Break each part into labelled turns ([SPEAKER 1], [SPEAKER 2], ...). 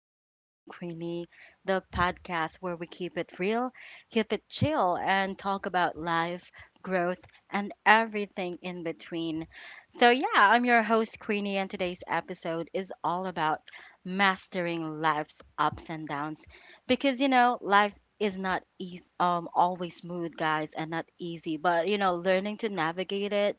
[SPEAKER 1] Talks with Queenie, the podcast where we keep it real, keep it chill, and talk about life, growth, and everything in between. So, yeah, I'm your host, Queenie, and today's episode is all about mastering life's ups and downs because you know, life is not easy, always smooth, guys, and not easy, but you know, learning to navigate it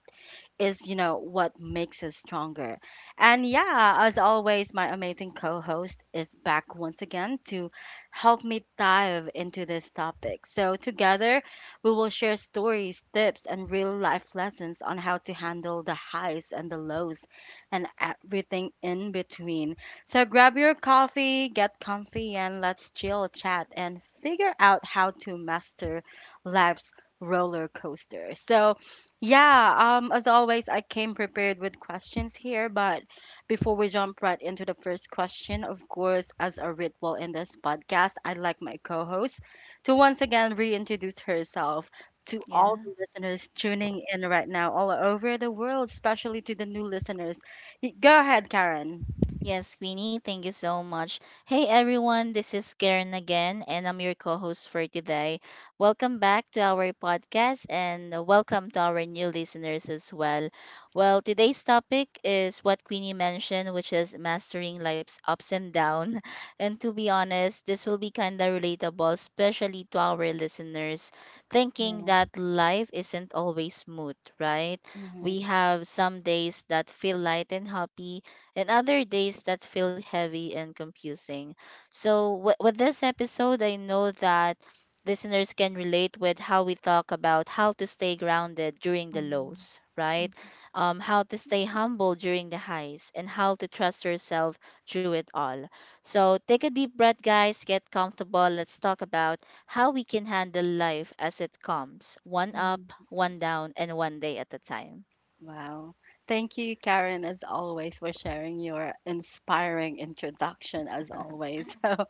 [SPEAKER 1] is, you know, what makes us stronger. And yeah, as always, my amazing co host is back once again to help me dive into this topic. So, together, we will share stories, tips, and real life lessons on how to handle the highs and the lows and everything in between. So, grab your coffee, get comfy, and let's chill, chat, and figure out how to master life's roller coaster. So, yeah, as always, I came prepared with questions here, but before we jump right into the first question, of course, as a ritual in this podcast, I'd like my co-host to once again reintroduce herself to all the
[SPEAKER 2] Yeah.
[SPEAKER 1] listeners tuning in right now all over the world, especially to the new listeners. Go ahead, Karen.
[SPEAKER 2] Yes, Queenie, thank you so much. Hey everyone, this is Karen again, and I'm your co host for today. Welcome back to our podcast, and welcome to our new listeners as well. Well, today's topic is what Queenie mentioned, which is mastering life's ups and downs. And to be honest, this will be kind of relatable, especially to our listeners, thinking
[SPEAKER 1] Yeah.
[SPEAKER 2] that life isn't always smooth, right?
[SPEAKER 1] Hmm.
[SPEAKER 2] We have some days that feel light and happy, and other days that feel heavy and confusing. So, with this episode, I know that listeners can relate with how we talk about how to stay grounded during the
[SPEAKER 1] Mm.
[SPEAKER 2] lows, right? How to stay humble during the highs, and how to trust yourself through it all. So, take a deep breath, guys, get comfortable. Let's talk about how we can handle life as it comes, one up,
[SPEAKER 1] Mm.
[SPEAKER 2] one down, and one day at a time.
[SPEAKER 1] Wow. Thank you, Karen, as always, for sharing your inspiring introduction, as always. So,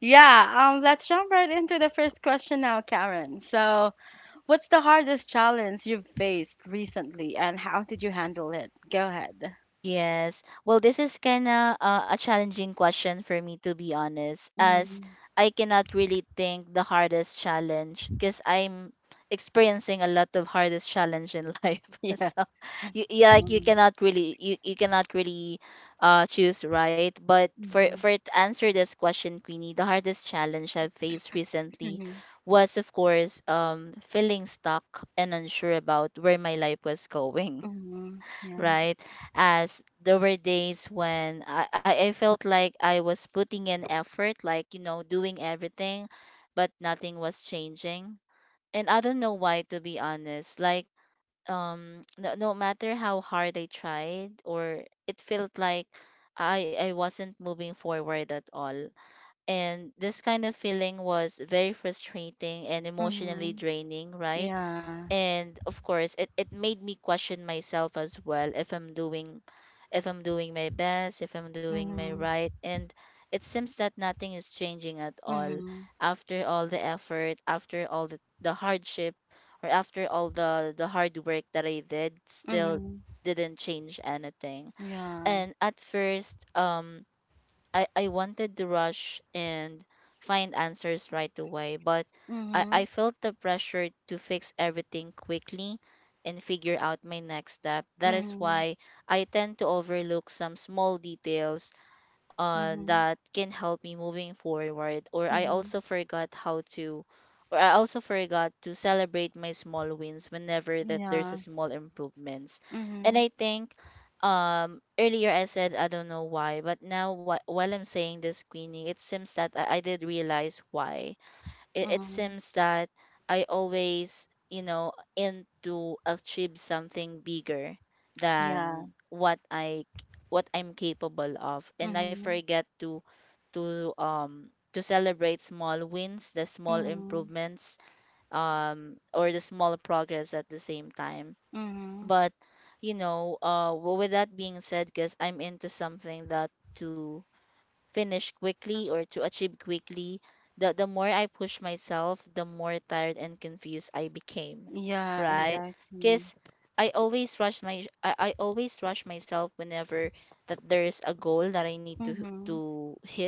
[SPEAKER 1] yeah, let's jump right into the first question now, Karen. So, what's the hardest challenge you've faced recently, and how did you handle it? Go ahead.
[SPEAKER 2] Yes. Well, this is kind of a challenging question for me, to be honest, as
[SPEAKER 1] Mm.
[SPEAKER 2] I cannot really think the hardest challenge because I'm experiencing a lot of hardest challenge in life.
[SPEAKER 1] Yeah.
[SPEAKER 2] So, you like you
[SPEAKER 1] Mm.
[SPEAKER 2] cannot really you cannot really choose, right? But
[SPEAKER 1] Mm-hmm.
[SPEAKER 2] for to answer this question, Queenie, the hardest challenge I've faced recently
[SPEAKER 1] Mm-hmm.
[SPEAKER 2] was, of course, feeling stuck and unsure about where my life was going,
[SPEAKER 1] Mm-hmm, yeah.
[SPEAKER 2] right? As there were days when I felt like I was putting in effort, like, you know, doing everything, but nothing was changing. And I don't know why, to be honest. Like, no matter how hard I tried, or it felt like I wasn't moving forward at all. And this kind of feeling was very frustrating and emotionally
[SPEAKER 1] Mm-hmm,
[SPEAKER 2] draining, right?
[SPEAKER 1] yeah.
[SPEAKER 2] And of course, it made me question myself as well, if I'm doing, if I'm doing my best, if I'm doing my
[SPEAKER 1] Mm-hmm.
[SPEAKER 2] right, and it seems that nothing is changing at all
[SPEAKER 1] Mm-hmm.
[SPEAKER 2] after all the effort, after all the hardship, or after all the hard work that I did, still
[SPEAKER 1] Mm-hmm,
[SPEAKER 2] didn't change anything.
[SPEAKER 1] yeah.
[SPEAKER 2] And at first, I wanted to rush and find answers right away, but
[SPEAKER 1] Mm-hmm.
[SPEAKER 2] I,
[SPEAKER 1] Mm-hmm.
[SPEAKER 2] I felt the pressure to fix everything quickly and figure out my next step. That is why I tend to overlook some small details
[SPEAKER 1] Mm-hmm,
[SPEAKER 2] that can help me moving forward, or I
[SPEAKER 1] mm-hmm,
[SPEAKER 2] also forgot how to, or I also forgot to celebrate my small wins whenever that there's a
[SPEAKER 1] yeah.
[SPEAKER 2] small improvements. And
[SPEAKER 1] Mm-hmm,
[SPEAKER 2] I think, earlier I said I don't know why, but now while I'm saying this, Queenie, it seems that I did realize why. It
[SPEAKER 1] mm-hmm,
[SPEAKER 2] seems that I always, you know, aim to achieve something bigger
[SPEAKER 1] yeah.
[SPEAKER 2] than what I, what I'm capable of, and I
[SPEAKER 1] Mm-hmm,
[SPEAKER 2] forget to, to um to celebrate small wins, the small
[SPEAKER 1] mm-hmm.
[SPEAKER 2] improvements, or the small progress at the same time.
[SPEAKER 1] Mm-hmm,
[SPEAKER 2] But you know, with that being said, because I'm into something that to finish quickly or to achieve quickly, the more I push myself, the more tired and confused I became,
[SPEAKER 1] yeah.
[SPEAKER 2] right?
[SPEAKER 1] Exactly.
[SPEAKER 2] Because I always rush myself whenever that there is a goal that I need to
[SPEAKER 1] Mhm.
[SPEAKER 2] hit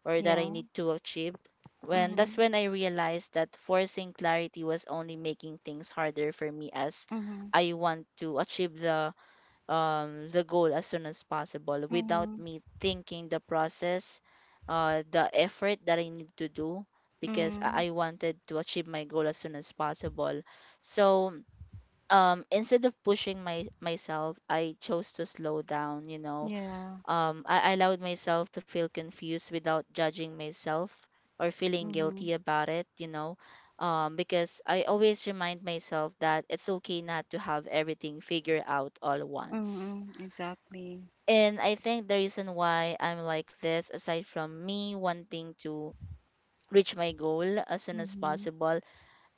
[SPEAKER 2] or that I
[SPEAKER 1] Yeah.
[SPEAKER 2] need to achieve. When that's
[SPEAKER 1] Mhm.
[SPEAKER 2] when I realized that forcing clarity was only making things harder for me, as
[SPEAKER 1] Mhm.
[SPEAKER 2] I want to achieve the goal as soon as possible, without
[SPEAKER 1] Mhm.
[SPEAKER 2] me thinking the process, the effort that I need to do, because I
[SPEAKER 1] Mhm.
[SPEAKER 2] wanted to achieve my goal as soon as possible. So, instead of pushing my myself, I chose to slow down. You know,
[SPEAKER 1] Yeah.
[SPEAKER 2] I allowed myself to feel confused without judging myself or feeling guilty
[SPEAKER 1] Mhm.
[SPEAKER 2] about it. You know. Because I always remind myself that it's okay not to have everything figured out all at once.
[SPEAKER 1] Mhm. Exactly.
[SPEAKER 2] And I think the reason why I'm like this, aside from me wanting to reach my goal as soon as
[SPEAKER 1] Mhm.
[SPEAKER 2] possible,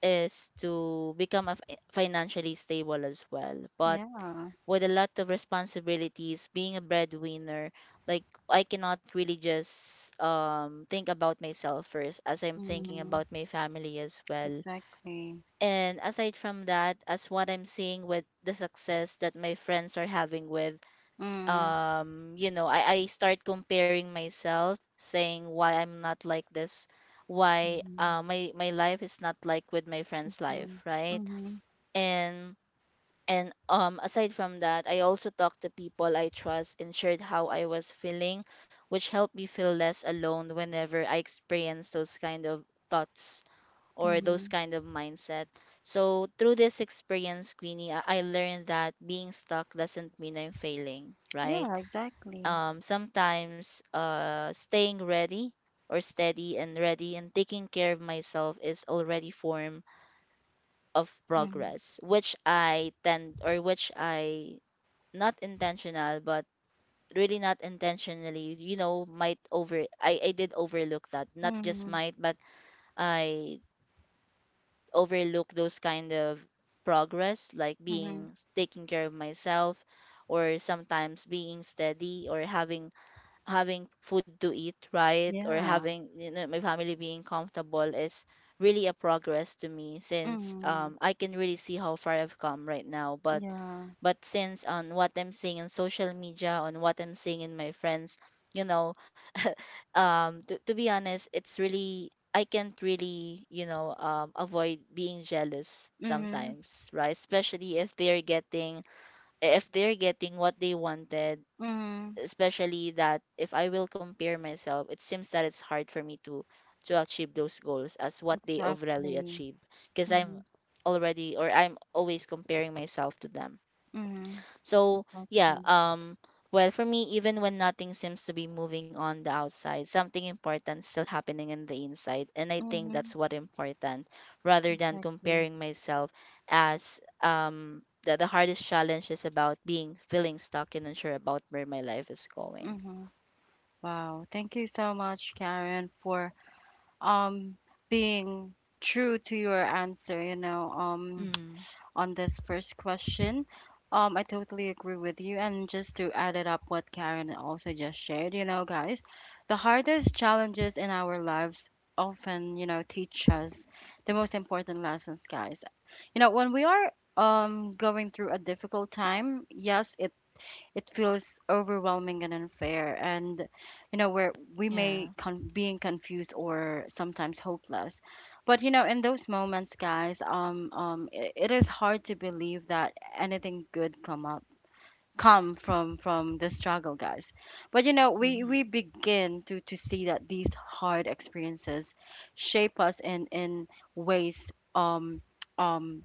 [SPEAKER 2] is to become a financially stable as well. But
[SPEAKER 1] Yeah.
[SPEAKER 2] with a lot of responsibilities, being a breadwinner, like I cannot really just think about myself first, as I'm thinking
[SPEAKER 1] Mhm.
[SPEAKER 2] about my family as well.
[SPEAKER 1] Exactly.
[SPEAKER 2] And aside from that, as what I'm seeing with the success that my friends are having with,
[SPEAKER 1] Mm.
[SPEAKER 2] you know, I start comparing myself, saying why I'm not like this, why
[SPEAKER 1] Mhm.
[SPEAKER 2] my life is not like with my friend's life,
[SPEAKER 1] Mhm.
[SPEAKER 2] right?
[SPEAKER 1] Mhm.
[SPEAKER 2] and and aside from that, I also talk to people I trust and shared how I was feeling, which helped me feel less alone whenever I experience those kind of thoughts or those
[SPEAKER 1] Mhm.
[SPEAKER 2] kind of mindset. So, through this experience, Queenie, I learned that being stuck doesn't mean I'm failing, right?
[SPEAKER 1] Yeah. Exactly.
[SPEAKER 2] Um, sometimes staying ready, or steady and ready, and taking care of myself is already form of
[SPEAKER 1] Mhm.
[SPEAKER 2] progress, which I tend, or which I, not intentional, but really not intentionally, you know, might over I did overlook that, not just
[SPEAKER 1] Mhm.
[SPEAKER 2] might, but I overlook those kind of progress, like
[SPEAKER 1] Mhm.
[SPEAKER 2] being taking care of myself, or sometimes being steady, or having, having food to eat, right? Or
[SPEAKER 1] Yeah.
[SPEAKER 2] having, you know, my family being comfortable is really a progress to me, since
[SPEAKER 1] Mhm.
[SPEAKER 2] I can really see how far I've come right now. But
[SPEAKER 1] Yeah.
[SPEAKER 2] but since on what I'm seeing in social media, on what I'm seeing in my friends, you know, to be honest, it's really, I can't really, you know, avoid being jealous
[SPEAKER 1] Mhm.
[SPEAKER 2] sometimes, right? Especially if they're getting, if they're getting what they wanted,
[SPEAKER 1] Mhm.
[SPEAKER 2] especially that if I will compare myself, it seems that it's hard for me to achieve those goals as what they overly
[SPEAKER 1] Exactly.
[SPEAKER 2] achieve, because I'm
[SPEAKER 1] Mhm.
[SPEAKER 2] already, or I'm always comparing myself to them.
[SPEAKER 1] Mhm.
[SPEAKER 2] So, yeah,
[SPEAKER 1] Exactly.
[SPEAKER 2] well, for me, even when nothing seems to be moving on the outside, something important still happening in the inside. And I think
[SPEAKER 1] Mhm.
[SPEAKER 2] that's what important, rather than
[SPEAKER 1] Exactly.
[SPEAKER 2] comparing myself, as the hardest challenge is about being feeling stuck and unsure about where my life is going.
[SPEAKER 1] Mhm. Wow, thank you so much, Karen, for um being true to your answer, you know,
[SPEAKER 2] Mm,
[SPEAKER 1] on this first question. I totally agree with you. And just to add it up what Karen also just shared, you know, guys, the hardest challenges in our lives often, you know, teach us the most important lessons, guys. You know, when we are going through a difficult time, yes, it feels overwhelming and unfair and you know where we
[SPEAKER 2] yeah.
[SPEAKER 1] may being confused or sometimes hopeless, but you know in those moments, guys, it, it is hard to believe that anything good come up come from the struggle, guys, but you know we
[SPEAKER 2] Mhm.
[SPEAKER 1] begin to see that these hard experiences shape us in ways, um um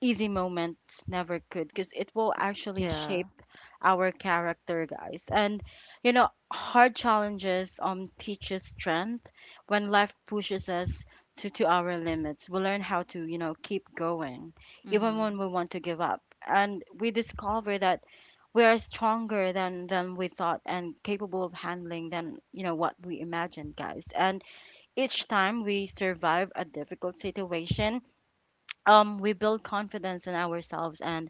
[SPEAKER 1] easy moments never could, because it will actually
[SPEAKER 2] Yeah.
[SPEAKER 1] shape our character, guys. And you know, hard challenges teach us strength. When life pushes us to our limits, we learn how to, you know, keep going, even when
[SPEAKER 2] Mhm.
[SPEAKER 1] we want to give up. And we discover that we are stronger than we thought and capable of handling than, you know, what we imagined, guys. And each time we survive a difficult situation, we build confidence in ourselves and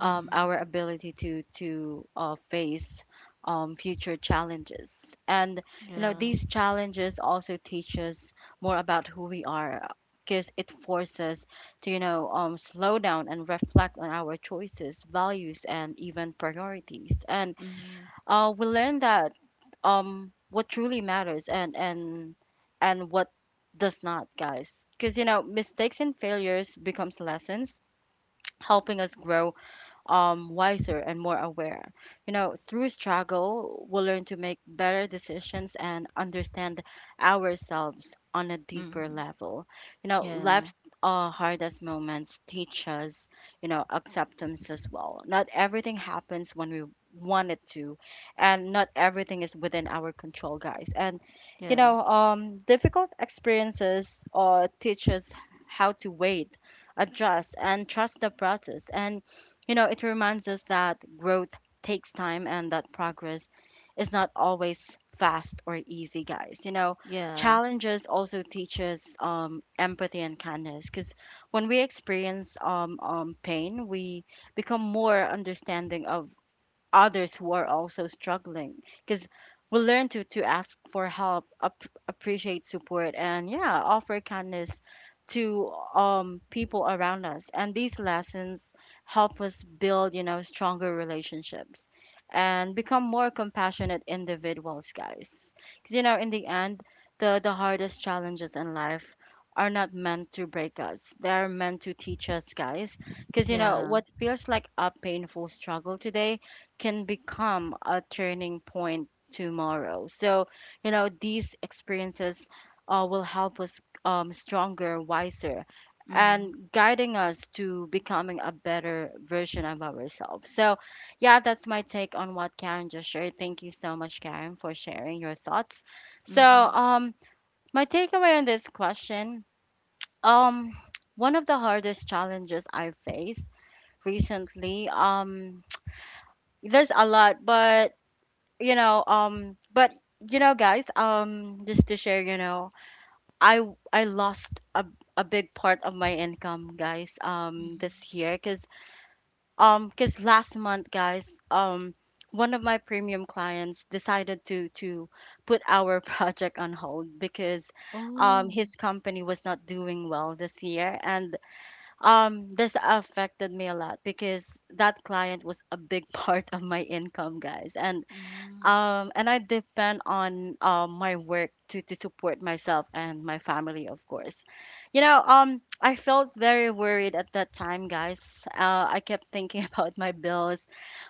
[SPEAKER 2] Mhm.
[SPEAKER 1] our ability to face future challenges. And you know,
[SPEAKER 2] Yeah.
[SPEAKER 1] these challenges also teach us more about who we are, because it forces us to you know slow down and reflect on our choices, values, and even priorities. And
[SPEAKER 2] Mhm.
[SPEAKER 1] we learn that what truly matters and what does not, guys, because you know mistakes and failures becomes lessons helping us grow wiser and more aware. You know, through struggle, we'll learn to make better decisions and understand ourselves on a deeper
[SPEAKER 2] Mhm.
[SPEAKER 1] level. You know, life's
[SPEAKER 2] Yeah.
[SPEAKER 1] hardest moments teach us, you know, acceptance as well. Not everything happens when we want it to, and not everything is within our control, guys. And you know,
[SPEAKER 2] Yes.
[SPEAKER 1] difficult experiences teach us how to wait, adjust, and trust the process. And you know, it reminds us that growth takes time and that progress is not always fast or easy, guys. You know,
[SPEAKER 2] Yeah.
[SPEAKER 1] challenges also teach us empathy and kindness because when we experience pain, we become more understanding of others who are also struggling, because we learn to ask for help, appreciate support, and yeah offer kindness to people around us, and these lessons help us build you know stronger relationships and become more compassionate individuals, guys, because you know in the end, the hardest challenges in life are not meant to break us, they are meant to teach us, guys, because you know
[SPEAKER 2] Yeah.
[SPEAKER 1] what feels like a painful struggle today can become a turning point tomorrow. So, you know, these experiences will help us stronger, wiser, and
[SPEAKER 2] Mhm.
[SPEAKER 1] guiding us to becoming a better version of ourselves. So, yeah, that's my take on what Karen just shared. Thank you so much, Karen, for sharing your thoughts. So,
[SPEAKER 2] Mhm.
[SPEAKER 1] my takeaway on this question, um, one of the hardest challenges I faced recently, there's a lot, but you know guys just to share you know I lost a big part of my income, guys,
[SPEAKER 2] Mhm.
[SPEAKER 1] this year, because last month, guys, one of my premium clients decided to put our project on hold because
[SPEAKER 2] Oh.
[SPEAKER 1] his company was not doing well this year, and this affected me a lot because that client was a big part of my income, guys,
[SPEAKER 2] Mhm.
[SPEAKER 1] and I depend on my work to support myself and my family, of course. You know, I felt very worried at that time, guys. I kept thinking about my bills,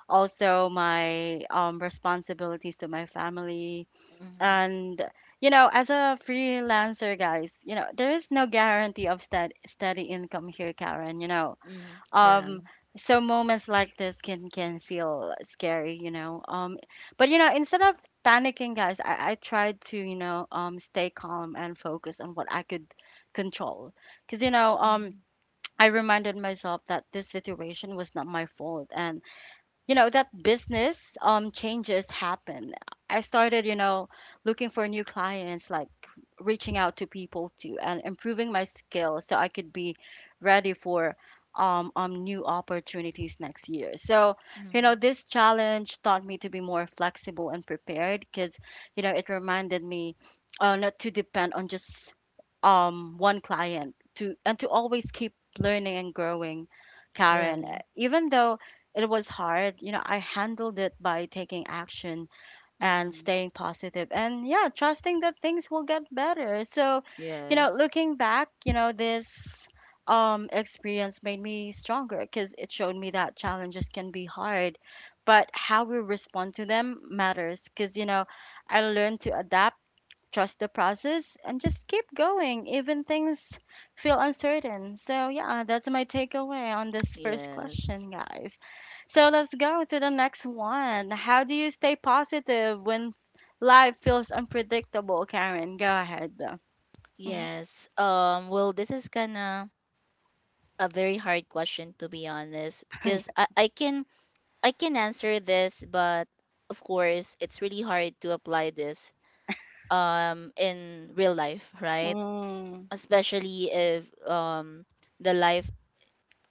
[SPEAKER 1] also my responsibilities to my family.
[SPEAKER 2] Mhm.
[SPEAKER 1] And, you know, as a freelancer, guys, you know, there is no guarantee of steady income here, Karen. You know,
[SPEAKER 2] Mhm. Yeah.
[SPEAKER 1] um so moments like this can feel scary, you know, but you know instead of panicking, guys, I tried to you know stay calm and focus on what I could control, because you know
[SPEAKER 2] Mhm.
[SPEAKER 1] I reminded myself that this situation was not my fault, and you know that business changes happen. I started you know looking for new clients, like reaching out to people too and improving my skills so I could be ready for new opportunities next year. So you know
[SPEAKER 2] Mhm.
[SPEAKER 1] this challenge taught me to be more flexible and prepared, because you know it reminded me not to depend on just one client to, and to always keep learning and growing, Karen,
[SPEAKER 2] Yeah.
[SPEAKER 1] even though it was hard. You know, I handled it by taking action and
[SPEAKER 2] Mhm.
[SPEAKER 1] staying positive and yeah, trusting that things will get better. So, you know,
[SPEAKER 2] Yes.
[SPEAKER 1] looking back, you know, this experience made me stronger because it showed me that challenges can be hard, but how we respond to them matters because you know, I learned to adapt, trust the process, and just keep going even things feel uncertain. So yeah, that's my takeaway on this first
[SPEAKER 2] Yes.
[SPEAKER 1] question, guys. So let's go to the next one. How do you stay positive when life feels unpredictable? Karen, go ahead. Mm-hmm.
[SPEAKER 2] Yes. Well, this is kind of a very hard question, to be honest, because I can answer this, but of course, it's really hard to apply this in real life, right?
[SPEAKER 1] Mm.
[SPEAKER 2] Especially if the life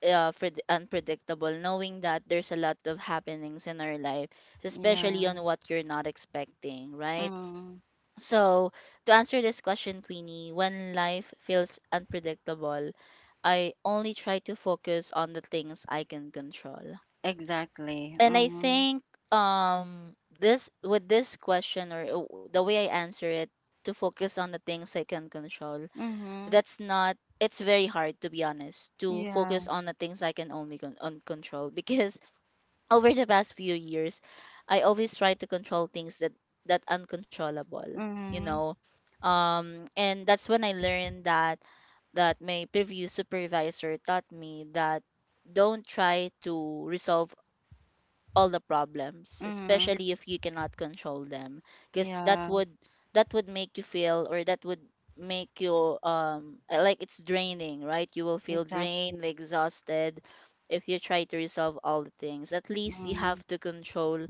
[SPEAKER 2] for unpredictable, knowing that there's a lot of happenings in our life, especially on
[SPEAKER 1] Yeah.
[SPEAKER 2] what you're not expecting, right?
[SPEAKER 1] Mm.
[SPEAKER 2] So, to answer this question, Queenie, when life feels unpredictable, I only try to focus on the things I can control.
[SPEAKER 1] Exactly.
[SPEAKER 2] And I
[SPEAKER 1] Mm-hmm.
[SPEAKER 2] think um this, with this question, or the way I answer it, to focus on the things I can control,
[SPEAKER 1] Mm-hmm.
[SPEAKER 2] that's not, it's very hard, to be honest, to
[SPEAKER 1] Yeah.
[SPEAKER 2] focus on the things I can only on control, because over the past few years, I always try to control things that, that uncontrollable, you
[SPEAKER 1] Mm-hmm.
[SPEAKER 2] know. Um, and that's when I learned that, that my previous supervisor taught me that, don't try to resolve all the problems,
[SPEAKER 1] Mm-hmm.
[SPEAKER 2] especially if you cannot control them, because that
[SPEAKER 1] Yeah.
[SPEAKER 2] would, that would make you feel, or that would make you like, it's draining, right? You will feel
[SPEAKER 1] Exactly.
[SPEAKER 2] drained, exhausted, if you try to resolve all the things. At least you
[SPEAKER 1] Mm.
[SPEAKER 2] have to control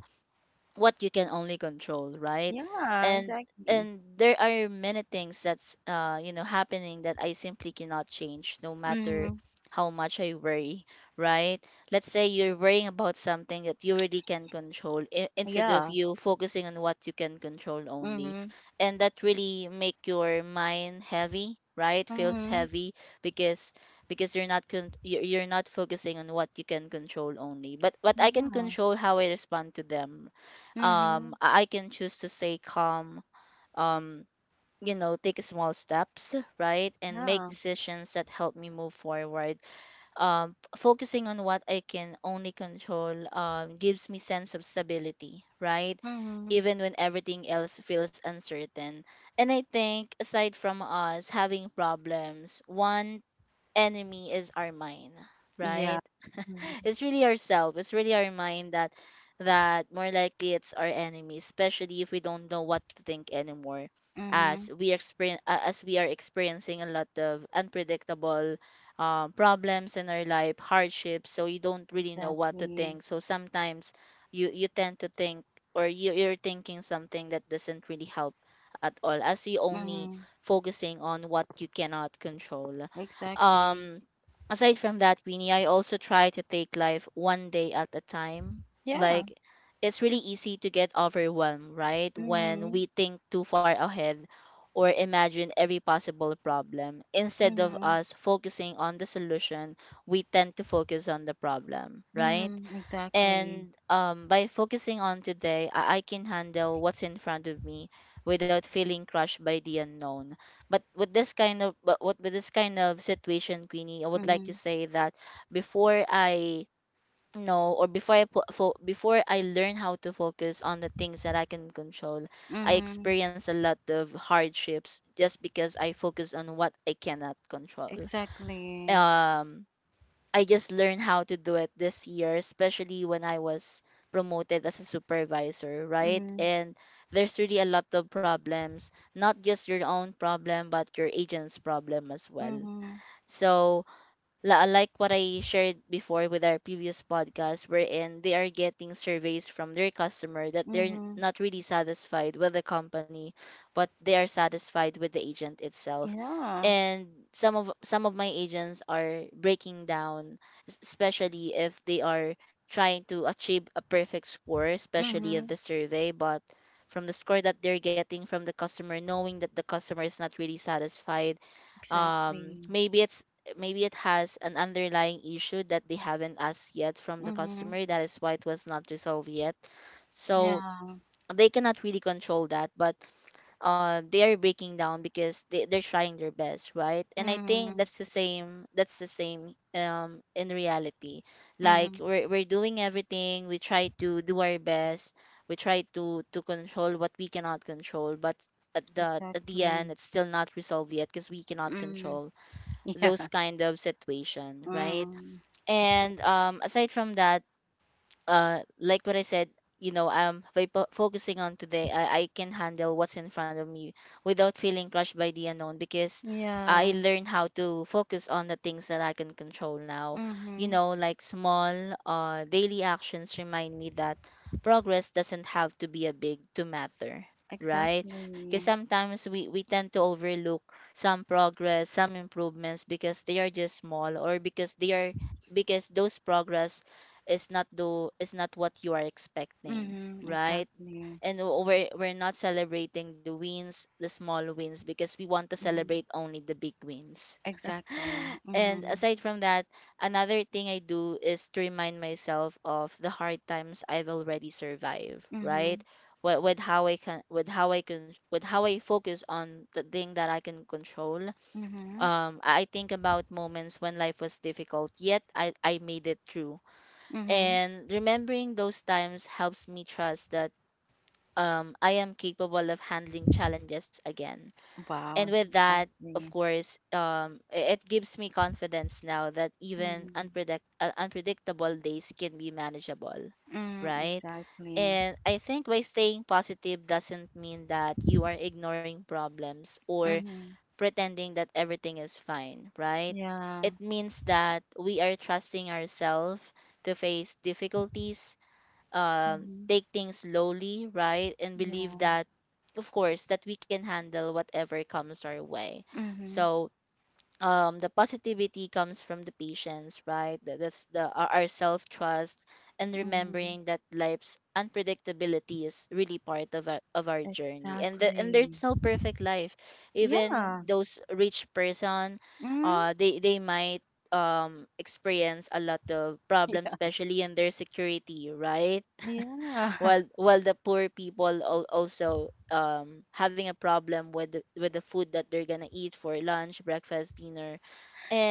[SPEAKER 2] what you can only control, right?
[SPEAKER 1] Yeah.
[SPEAKER 2] and
[SPEAKER 1] Exactly.
[SPEAKER 2] and there are many things that's you know, happening, that I simply cannot change, no matter
[SPEAKER 1] Mm.
[SPEAKER 2] how much I worry, right? Let's say you're worrying about something that you really can control, instead of
[SPEAKER 1] Yeah.
[SPEAKER 2] you focusing on what you can control only,
[SPEAKER 1] Mhm.
[SPEAKER 2] and that really make your mind heavy, right? Feels
[SPEAKER 1] Mhm.
[SPEAKER 2] heavy, because because you're not you're not focusing on what you can control only, but what I can
[SPEAKER 1] Yeah.
[SPEAKER 2] control, how I respond to them. Um,
[SPEAKER 1] Mhm.
[SPEAKER 2] I can choose to stay calm, um you know, take small steps, right, and make
[SPEAKER 1] Yeah.
[SPEAKER 2] decisions that help me move forward. Um, focusing on what I can only control gives me sense of stability, right,
[SPEAKER 1] Mhm.
[SPEAKER 2] even when everything else feels uncertain. And I think aside from us having problems, one enemy is our mind,
[SPEAKER 1] Yeah.
[SPEAKER 2] right?
[SPEAKER 1] Mhm.
[SPEAKER 2] It's really ourselves. It's really our mind that, that more likely it's our enemy, especially if we don't know what to think anymore. As
[SPEAKER 1] Mhm.
[SPEAKER 2] we experience, as we are experiencing a lot of unpredictable problems in our life, hardships, so you don't really know what to
[SPEAKER 1] Exactly.
[SPEAKER 2] think. So sometimes you tend to think, or you're thinking something that doesn't really help at all, as you only
[SPEAKER 1] Mhm.
[SPEAKER 2] focusing on what you cannot control.
[SPEAKER 1] Exactly.
[SPEAKER 2] Aside from that, Winnie, I also try to take life one day at a time.
[SPEAKER 1] Yeah.
[SPEAKER 2] Like it's really easy to get overwhelmed, right? When
[SPEAKER 1] Mhm.
[SPEAKER 2] we think too far ahead or imagine every possible problem. Instead of
[SPEAKER 1] Mhm.
[SPEAKER 2] us focusing on the solution, we tend to focus on the problem, right?
[SPEAKER 1] Mhm.
[SPEAKER 2] And
[SPEAKER 1] Exactly.
[SPEAKER 2] by focusing on today, I can handle what's in front of me without feeling crushed by the unknown. But with this kind of situation, Queenie, I would like to
[SPEAKER 1] Mhm.
[SPEAKER 2] say that before I know or before I learn how to focus on the things that I can control, I
[SPEAKER 1] Mhm.
[SPEAKER 2] experience a lot of hardships just because I focus on what I cannot control.
[SPEAKER 1] Exactly.
[SPEAKER 2] Um, I just learned how to do it this year, especially when I was promoted as a supervisor, right?
[SPEAKER 1] Mhm.
[SPEAKER 2] And there's really a lot of problems, not just your own problem, but your agent's problem as well.
[SPEAKER 1] Mhm.
[SPEAKER 2] So like what I shared before with our previous podcast, wherein they are getting surveys from their customer that they're n-
[SPEAKER 1] Mhm.
[SPEAKER 2] not really satisfied with the company, but they are satisfied with the agent itself.
[SPEAKER 1] Yeah.
[SPEAKER 2] And some of my agents are breaking down, especially if they are trying to achieve a perfect score, especially of the
[SPEAKER 1] Mhm.
[SPEAKER 2] survey, but from the score that they're getting from the customer, knowing that the customer is not really satisfied, um
[SPEAKER 1] Exactly.
[SPEAKER 2] maybe it's maybe it has an underlying issue that they haven't asked yet from the
[SPEAKER 1] Mhm.
[SPEAKER 2] customer. That is why it was not resolved yet. So
[SPEAKER 1] Yeah.
[SPEAKER 2] they cannot really control that, but they are breaking down because they're trying their best, right? And I think
[SPEAKER 1] Mhm.
[SPEAKER 2] that's the same. That's the same in reality. Like
[SPEAKER 1] Mhm.
[SPEAKER 2] we're doing everything. We try to do our best. We try to control what we cannot control, but at the end,
[SPEAKER 1] Exactly.
[SPEAKER 2] it's still not resolved yet because we cannot
[SPEAKER 1] Mm.
[SPEAKER 2] control those
[SPEAKER 1] Yeah.
[SPEAKER 2] kind of situation, right?
[SPEAKER 1] Mm.
[SPEAKER 2] And aside from that, like what I said, focusing on today, I can handle what's in front of me without feeling crushed by the unknown, because I
[SPEAKER 1] Yeah.
[SPEAKER 2] learned how to focus on the things that I can control now. You
[SPEAKER 1] Mhm.
[SPEAKER 2] know, like small daily actions remind me that progress doesn't have to be a big to matter, right? 'Cause
[SPEAKER 1] Exactly.
[SPEAKER 2] sometimes we tend to overlook some progress, some improvements because they are just small, or because they are, because those progress is not what you are expecting,
[SPEAKER 1] Mhm.
[SPEAKER 2] right?
[SPEAKER 1] Exactly.
[SPEAKER 2] And we're not celebrating the wins, the small wins, because we want to
[SPEAKER 1] Mhm.
[SPEAKER 2] celebrate only the big wins.
[SPEAKER 1] Exactly.
[SPEAKER 2] And
[SPEAKER 1] Mhm.
[SPEAKER 2] aside from that, another thing I do is to remind myself of the hard times I've already survived, right?
[SPEAKER 1] Mhm.
[SPEAKER 2] With how I can with how I can with how I focus on the thing that I can control.
[SPEAKER 1] Mhm.
[SPEAKER 2] I think about moments when life was difficult, yet I made it through.
[SPEAKER 1] Mhm.
[SPEAKER 2] And remembering those times helps me trust that, I am capable of handling challenges again. And
[SPEAKER 1] Wow.
[SPEAKER 2] with that, of
[SPEAKER 1] Exactly.
[SPEAKER 2] course, it gives me confidence now that even
[SPEAKER 1] Mhm.
[SPEAKER 2] unpredictable days can be manageable,
[SPEAKER 1] Mhm.
[SPEAKER 2] right?
[SPEAKER 1] Exactly.
[SPEAKER 2] And I think by staying positive doesn't mean that you are ignoring problems or
[SPEAKER 1] Mhm.
[SPEAKER 2] pretending that everything is fine, right?
[SPEAKER 1] Yeah.
[SPEAKER 2] It means that we are trusting ourselves to face difficulties,
[SPEAKER 1] Mhm.
[SPEAKER 2] take things slowly, right? And believe
[SPEAKER 1] Yeah.
[SPEAKER 2] that, of course, that we can handle whatever comes our way.
[SPEAKER 1] Mhm.
[SPEAKER 2] So the positivity comes from the patience, right? That's the our self trust and
[SPEAKER 1] Mhm.
[SPEAKER 2] remembering that life's unpredictability is really part of of our journey. And and there's
[SPEAKER 1] Exactly.
[SPEAKER 2] no perfect life. Even
[SPEAKER 1] Yeah.
[SPEAKER 2] those rich person,
[SPEAKER 1] Mhm.
[SPEAKER 2] they might experience a lot of problems,
[SPEAKER 1] Yeah.
[SPEAKER 2] especially in their security, right?
[SPEAKER 1] Yeah.
[SPEAKER 2] while while the poor people also having a problem with with the food that they're gonna eat for lunch, breakfast, dinner.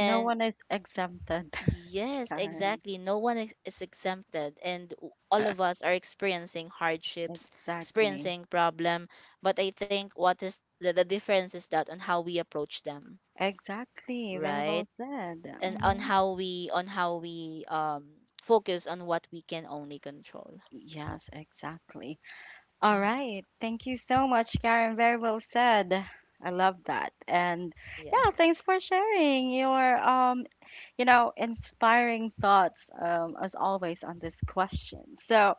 [SPEAKER 1] No one is exempted,
[SPEAKER 2] yes,
[SPEAKER 1] Karen.
[SPEAKER 2] exactly, no one is exempted, and all of us are experiencing hardships,
[SPEAKER 1] Exactly.
[SPEAKER 2] experiencing problem. But I think what is the difference is that on how we approach them,
[SPEAKER 1] Exactly. Very
[SPEAKER 2] right?
[SPEAKER 1] well said.
[SPEAKER 2] And on
[SPEAKER 1] Mhm.
[SPEAKER 2] how we focus on what we can only control.
[SPEAKER 1] Yes, exactly. All
[SPEAKER 2] Hmm.
[SPEAKER 1] right. Thank you so much, Karen. Very well said. I love that. And yeah,
[SPEAKER 2] Yes.
[SPEAKER 1] thanks for sharing your you know, inspiring thoughts as always on this question. So,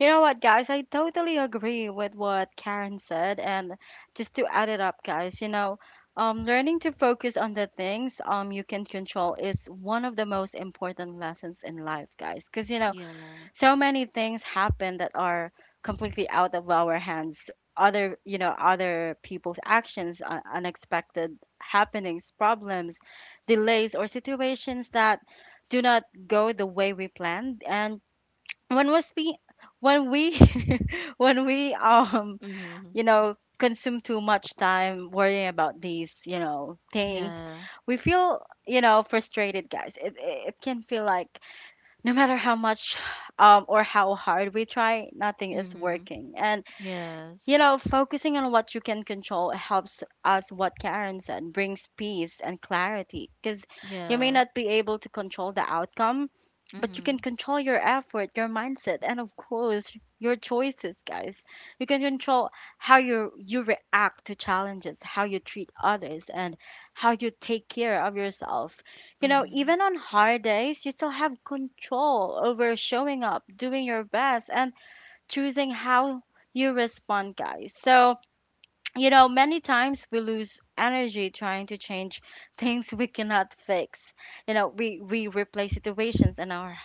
[SPEAKER 1] you know what, guys, I totally agree with what Karen said and just to add it up, guys, you know, learning to focus on the things you can control is one of the most important lessons in life, guys. Because you know,
[SPEAKER 2] Yeah.
[SPEAKER 1] so many things happen that are completely out of our hands, other you know other people's actions, unexpected happenings, problems, delays, or situations that do not go the way we planned, and when was we when we when we
[SPEAKER 2] Mhm.
[SPEAKER 1] you know consume too much time worrying about these you know things,
[SPEAKER 2] Yeah.
[SPEAKER 1] we feel you know frustrated, guys. It can feel like no matter how much or how hard we try, nothing is
[SPEAKER 2] Mhm.
[SPEAKER 1] working. And you
[SPEAKER 2] Yes.
[SPEAKER 1] know, focusing on what you can control helps us, what Karen said, brings peace and clarity because you may
[SPEAKER 2] Yeah.
[SPEAKER 1] not be able to control the outcome, but you can
[SPEAKER 2] Mhm.
[SPEAKER 1] control your effort, your mindset, and of course, your choices, guys. You can control how you react to challenges, how you treat others, and how you take care of yourself. You know,
[SPEAKER 2] Mhm.
[SPEAKER 1] even on hard days, you still have control over showing up, doing your best, and choosing how you respond, guys. So, many times we lose energy trying to change things we cannot fix. You know, we replay situations in our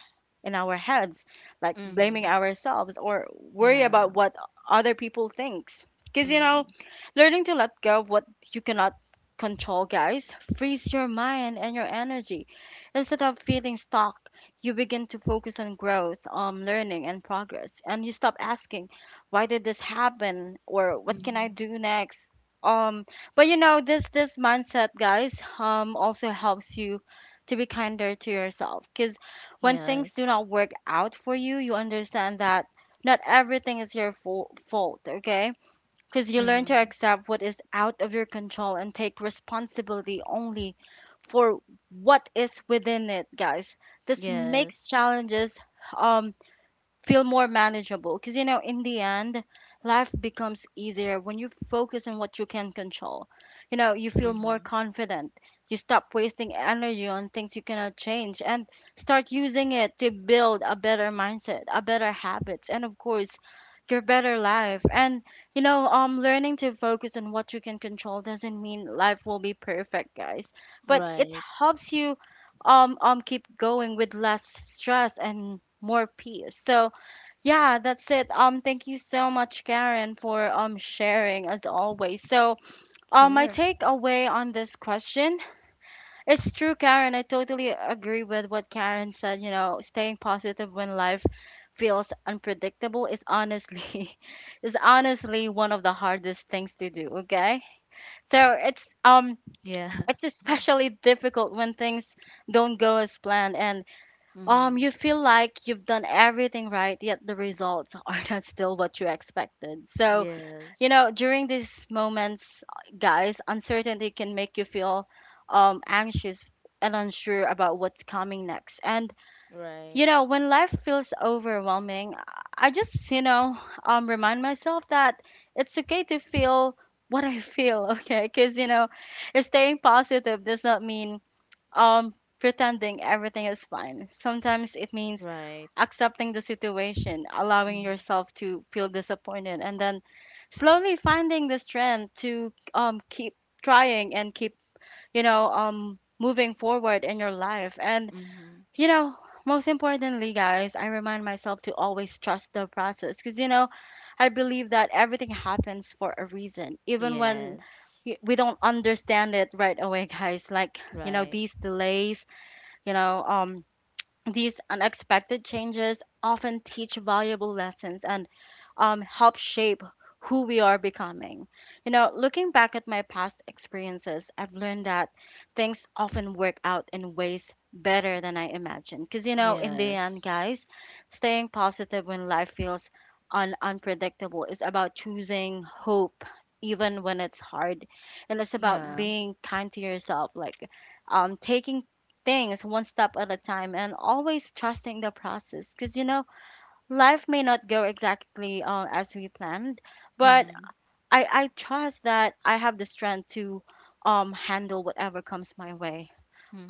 [SPEAKER 1] in our heads, like blaming
[SPEAKER 2] Mhm.
[SPEAKER 1] ourselves or worry
[SPEAKER 2] Yeah.
[SPEAKER 1] about what other people thinks. Because you know,
[SPEAKER 2] Mhm.
[SPEAKER 1] Learning to let go of what you cannot control, guys, frees your mind and your energy. Instead of feeling stuck, you begin to focus on growth, learning, and progress, and you stop asking, "Why did this happen?" or "What can I
[SPEAKER 2] Mhm.
[SPEAKER 1] do next?" Um, but this mindset, guys, also helps you to be kinder to yourself because when things do
[SPEAKER 2] Yes.
[SPEAKER 1] not work out for you, you understand that not everything is your fault, okay? Because you learn to
[SPEAKER 2] Mhm.
[SPEAKER 1] accept what is out of your control and take responsibility only for what is within it, guys. This makes
[SPEAKER 2] Yes.
[SPEAKER 1] challenges um feel more manageable because in the end life becomes easier when you focus on what you can control. You feel more
[SPEAKER 2] Mhm.
[SPEAKER 1] confident. You stop wasting energy on things you cannot change and start using it to build a better mindset, a better habits, and of course your better life. And you know Learning to focus on what you can control doesn't mean life will be perfect, guys, but it
[SPEAKER 2] Right.
[SPEAKER 1] helps you keep going with less stress and more peace. So yeah, that's it. Thank you so much, Karen, for sharing as always. So, my
[SPEAKER 2] Sure.
[SPEAKER 1] takeaway on this question, it's true, Karen. I totally agree with what Karen said. You know, staying positive when life feels unpredictable is honestly is honestly one of the hardest things to do. Okay, so
[SPEAKER 2] Yeah.
[SPEAKER 1] it's especially difficult when things don't go as planned and,
[SPEAKER 2] Mhm.
[SPEAKER 1] you feel like you've done everything right, yet the results are not still what you expected. So, you
[SPEAKER 2] Yes.
[SPEAKER 1] know, during these moments, guys, uncertainty can make you feel anxious and unsure about what's coming next. And,
[SPEAKER 2] Right.
[SPEAKER 1] you know, when life feels overwhelming, I just remind myself that it's okay to feel what I feel, okay? Because, you know, staying positive does not mean um, pretending everything is fine. Sometimes it means
[SPEAKER 2] Right.
[SPEAKER 1] accepting the situation, allowing
[SPEAKER 2] Mhm.
[SPEAKER 1] yourself to feel disappointed, and then slowly finding the strength to, keep trying and keep, moving forward in your life. And,
[SPEAKER 2] Mhm.
[SPEAKER 1] you know, most importantly, guys, I remind myself to always trust the process because, you know, I believe that everything happens for a reason, even when
[SPEAKER 2] Yes.
[SPEAKER 1] we don't understand it right away, guys. like you know
[SPEAKER 2] Right.
[SPEAKER 1] these delays, you know um these unexpected changes often teach valuable lessons, and, help shape who we are becoming. You know, looking back at my past experiences, I've learned that things often work out in ways better than I imagined. Because, you know, in the end,
[SPEAKER 2] Yes.
[SPEAKER 1] guys, staying positive when life feels unpredictable is about choosing hope even when it's hard, and it's
[SPEAKER 2] Yeah.
[SPEAKER 1] about being kind to yourself, like taking things one step at a time and always trusting the process because you know life may not go exactly as we planned, but
[SPEAKER 2] Mhm.
[SPEAKER 1] I trust that I have the strength to, handle whatever comes my way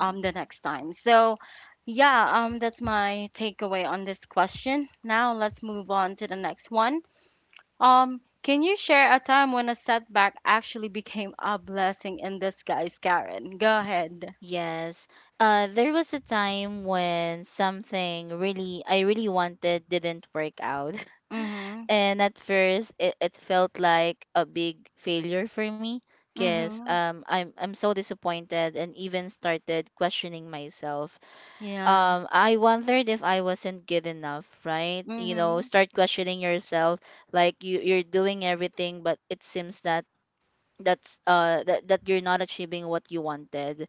[SPEAKER 1] um, the next time. So, yeah, that's my takeaway on this question. Now, let's move on to the next one. Can you share a time when a setback actually became a blessing in disguise, Karen? Go ahead.
[SPEAKER 2] Yes. There was a time when something really I really wanted didn't work out.
[SPEAKER 1] Mm
[SPEAKER 2] And at first it felt like a big failure for me,
[SPEAKER 1] hmm. Mm
[SPEAKER 2] because
[SPEAKER 1] hmm.
[SPEAKER 2] I'm so disappointed and even started questioning myself.
[SPEAKER 1] Yeah.
[SPEAKER 2] I wondered if I wasn't good enough, right?
[SPEAKER 1] Mm
[SPEAKER 2] You know,
[SPEAKER 1] hmm.
[SPEAKER 2] start questioning yourself, like you're doing everything, but it seems that that you're not achieving what you wanted.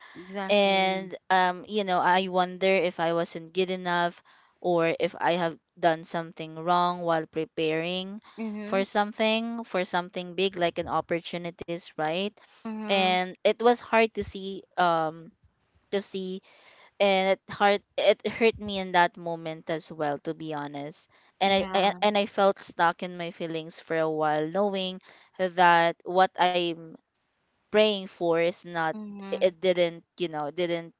[SPEAKER 2] And
[SPEAKER 1] Exactly.
[SPEAKER 2] you know, I wonder if I wasn't good enough, or if I have done something wrong while preparing for
[SPEAKER 1] Mm
[SPEAKER 2] something big, like an opportunities, right?
[SPEAKER 1] hmm. Mm hmm.
[SPEAKER 2] And it was hard to see, to see and it hurt me in that moment as well, to be honest. and i
[SPEAKER 1] Yeah.
[SPEAKER 2] and i felt stuck in my feelings for a while, knowing that what I praying for is not,
[SPEAKER 1] Mhm,
[SPEAKER 2] it didn't, you know, didn't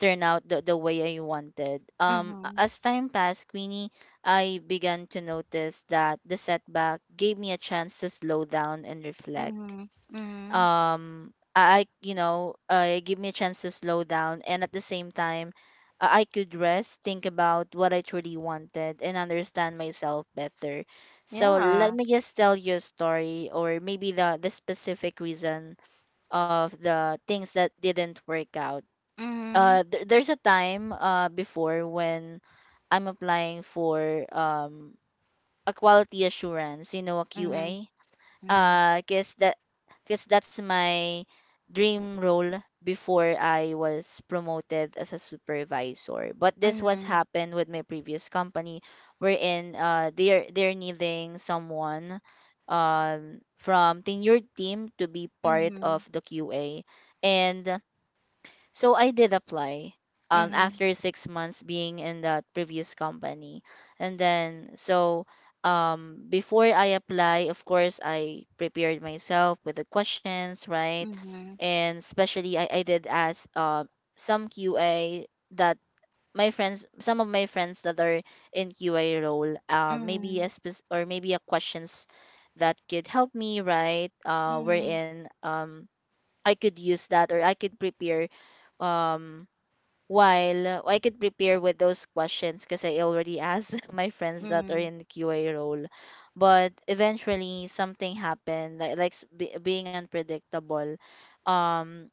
[SPEAKER 2] turn out the way I wanted.
[SPEAKER 1] mhm,
[SPEAKER 2] As time passed, Queenie, I began to notice that the setback gave me a chance to slow down and reflect.
[SPEAKER 1] mhm, mhm.
[SPEAKER 2] You know, it gave me a chance to slow down, and at the same time, I could rest, think about what I truly wanted, and understand myself better. So let
[SPEAKER 1] Yeah.
[SPEAKER 2] me just tell you a story, or maybe the specific reason of the things that didn't work out.
[SPEAKER 1] Mhm,
[SPEAKER 2] There's a time before when I'm applying for a quality assurance, you know, a QA.
[SPEAKER 1] mhm, mhm,
[SPEAKER 2] Uh, guess that guess that's my dream role before I was promoted as a supervisor. But this was
[SPEAKER 1] mhm,
[SPEAKER 2] happened with my previous company, wherein they're needing someone from tenured team to be part of
[SPEAKER 1] mhm,
[SPEAKER 2] the QA, and so I did apply
[SPEAKER 1] mhm,
[SPEAKER 2] after 6 months being in that previous company. And then so before I apply, of course I prepared myself with the questions, right?
[SPEAKER 1] mhm,
[SPEAKER 2] And especially I did ask some QA that my friends some of my friends that are in QA role,
[SPEAKER 1] mhm,
[SPEAKER 2] maybe a questions that could help me, right?
[SPEAKER 1] mhm,
[SPEAKER 2] Wherein I could use that or I could prepare, um while I could prepare with those questions, because I already asked my friends that are
[SPEAKER 1] mhm,
[SPEAKER 2] in the QA role. But eventually something happened, like being unpredictable. Um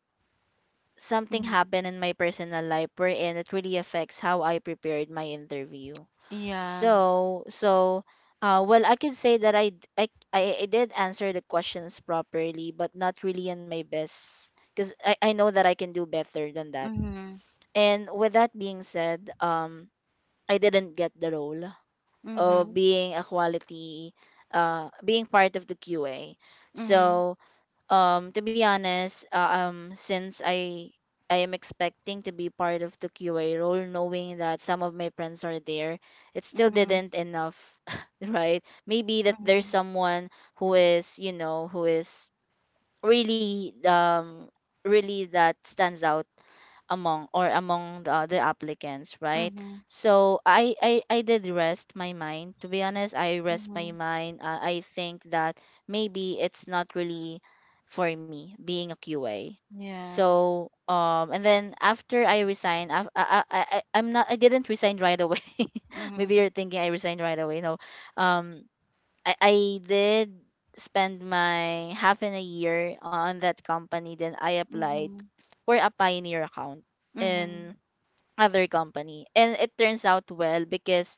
[SPEAKER 2] something
[SPEAKER 1] mhm.
[SPEAKER 2] happened in my personal life wherein it really affects how I prepared my interview.
[SPEAKER 1] Yeah.
[SPEAKER 2] So well, I can say that I, d- I did answer the questions properly, but not really in my best because I know that I can do better than that.
[SPEAKER 1] Mhm,
[SPEAKER 2] And with that being said, I didn't get the role of
[SPEAKER 1] mhm,
[SPEAKER 2] being a quality, being part of the QA.
[SPEAKER 1] mhm,
[SPEAKER 2] So to be honest, since I am expecting to be part of the QA role, knowing that some of my friends are there, it still
[SPEAKER 1] mhm,
[SPEAKER 2] didn't enough, right? Maybe that there's
[SPEAKER 1] mhm,
[SPEAKER 2] someone who is, you know, who is really, really that stands out among, or among the other applicants, right?
[SPEAKER 1] mhm,
[SPEAKER 2] So I did rest my mind, to be honest, I rest
[SPEAKER 1] mhm.
[SPEAKER 2] my mind. I think that maybe it's not really for me being a QA.
[SPEAKER 1] Yeah.
[SPEAKER 2] So and then after I resigned, I I'm not I didn't resign right away. Maybe
[SPEAKER 1] Mhm,
[SPEAKER 2] you're thinking I resigned right away, no. um I did spend my half in a year on that company. Then I applied
[SPEAKER 1] mhm,
[SPEAKER 2] for a pioneer account
[SPEAKER 1] mhm,
[SPEAKER 2] in other company. And it turns out well because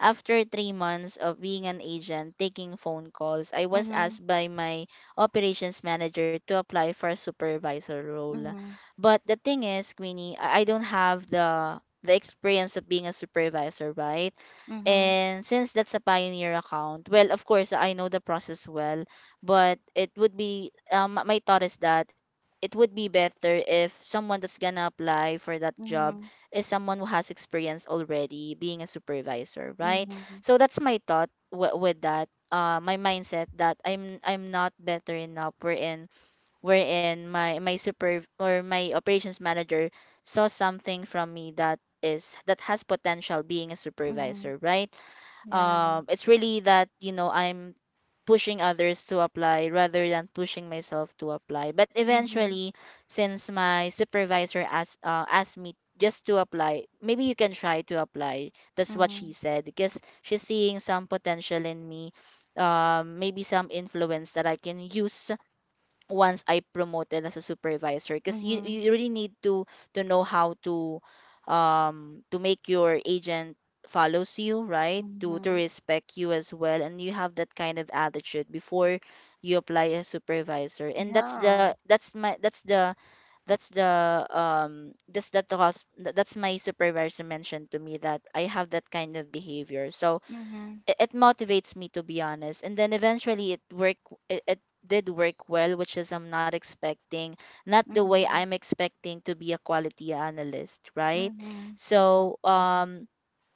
[SPEAKER 2] after 3 months of being an agent taking phone calls, I was
[SPEAKER 1] mhm,
[SPEAKER 2] asked by my operations manager to apply for a supervisor role.
[SPEAKER 1] mhm,
[SPEAKER 2] But the thing is, Queenie, I don't have the experience of being a supervisor, right?
[SPEAKER 1] mhm,
[SPEAKER 2] And since that's a Pioneer account, well, of course, I know the process well, but it would be, my thought is that it would be better if someone that's gonna apply for that job
[SPEAKER 1] mhm,
[SPEAKER 2] is someone who has experience already being a supervisor, right?
[SPEAKER 1] mhm,
[SPEAKER 2] So that's my thought with that. My mindset that I'm not better enough wherein my super or my operations manager saw something from me that has potential being a
[SPEAKER 1] mhm.
[SPEAKER 2] supervisor, right?
[SPEAKER 1] Yeah.
[SPEAKER 2] It's really that I'm pushing others to apply rather than pushing myself to apply. But
[SPEAKER 1] Mhm,
[SPEAKER 2] eventually, since my supervisor asked, asked me, "Just to apply, maybe you can try to apply," that's what she
[SPEAKER 1] mhm,
[SPEAKER 2] said, because she's seeing some potential in me, maybe some influence that I can use once I promoted as a supervisor. Because you
[SPEAKER 1] mhm,
[SPEAKER 2] you really need to know how to make your agent follows you, right? To
[SPEAKER 1] mhm.
[SPEAKER 2] respect you as well, and you have that kind of attitude before you apply as supervisor. And that's the
[SPEAKER 1] Yeah.
[SPEAKER 2] that's my that's the that's the that's the trust that's my supervisor mentioned to me, that I have that kind of behavior. So
[SPEAKER 1] Mhm,
[SPEAKER 2] it motivates me, to be honest, and then eventually it work, it did work well, which is I'm not expecting, not the way
[SPEAKER 1] mhm,
[SPEAKER 2] I'm expecting, to be a quality analyst, right?
[SPEAKER 1] mhm,
[SPEAKER 2] So
[SPEAKER 1] exactly.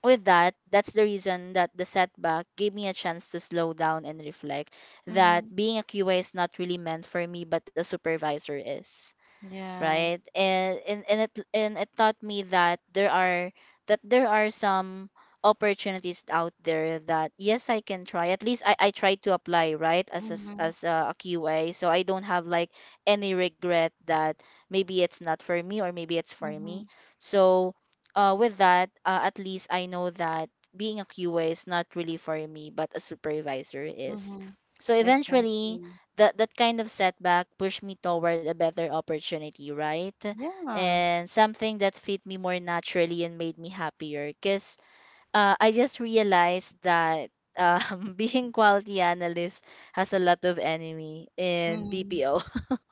[SPEAKER 2] with that, that's the reason that the setback gave me a chance to slow down and reflect that
[SPEAKER 1] Mhm,
[SPEAKER 2] being a QA is not really meant for me, but the supervisor is,
[SPEAKER 1] yeah.
[SPEAKER 2] right? And it, and it taught me that there are some opportunities out there that yes, I can try. At least I try to apply, right, as a,
[SPEAKER 1] Mhm,
[SPEAKER 2] as a Q A. So I don't have like any regret that maybe it's not for me or maybe it's for me.
[SPEAKER 1] mhm,
[SPEAKER 2] So with that, at least I know that being a Q A is not really for me, but a supervisor is.
[SPEAKER 1] mhm,
[SPEAKER 2] So eventually,
[SPEAKER 1] exactly.
[SPEAKER 2] that kind of setback pushed me toward a better opportunity, right?
[SPEAKER 1] Yeah.
[SPEAKER 2] And something that fit me more naturally and made me happier. Cause I just realized that being quality analyst has a lot of enemy in
[SPEAKER 1] Mhm,
[SPEAKER 2] BPO,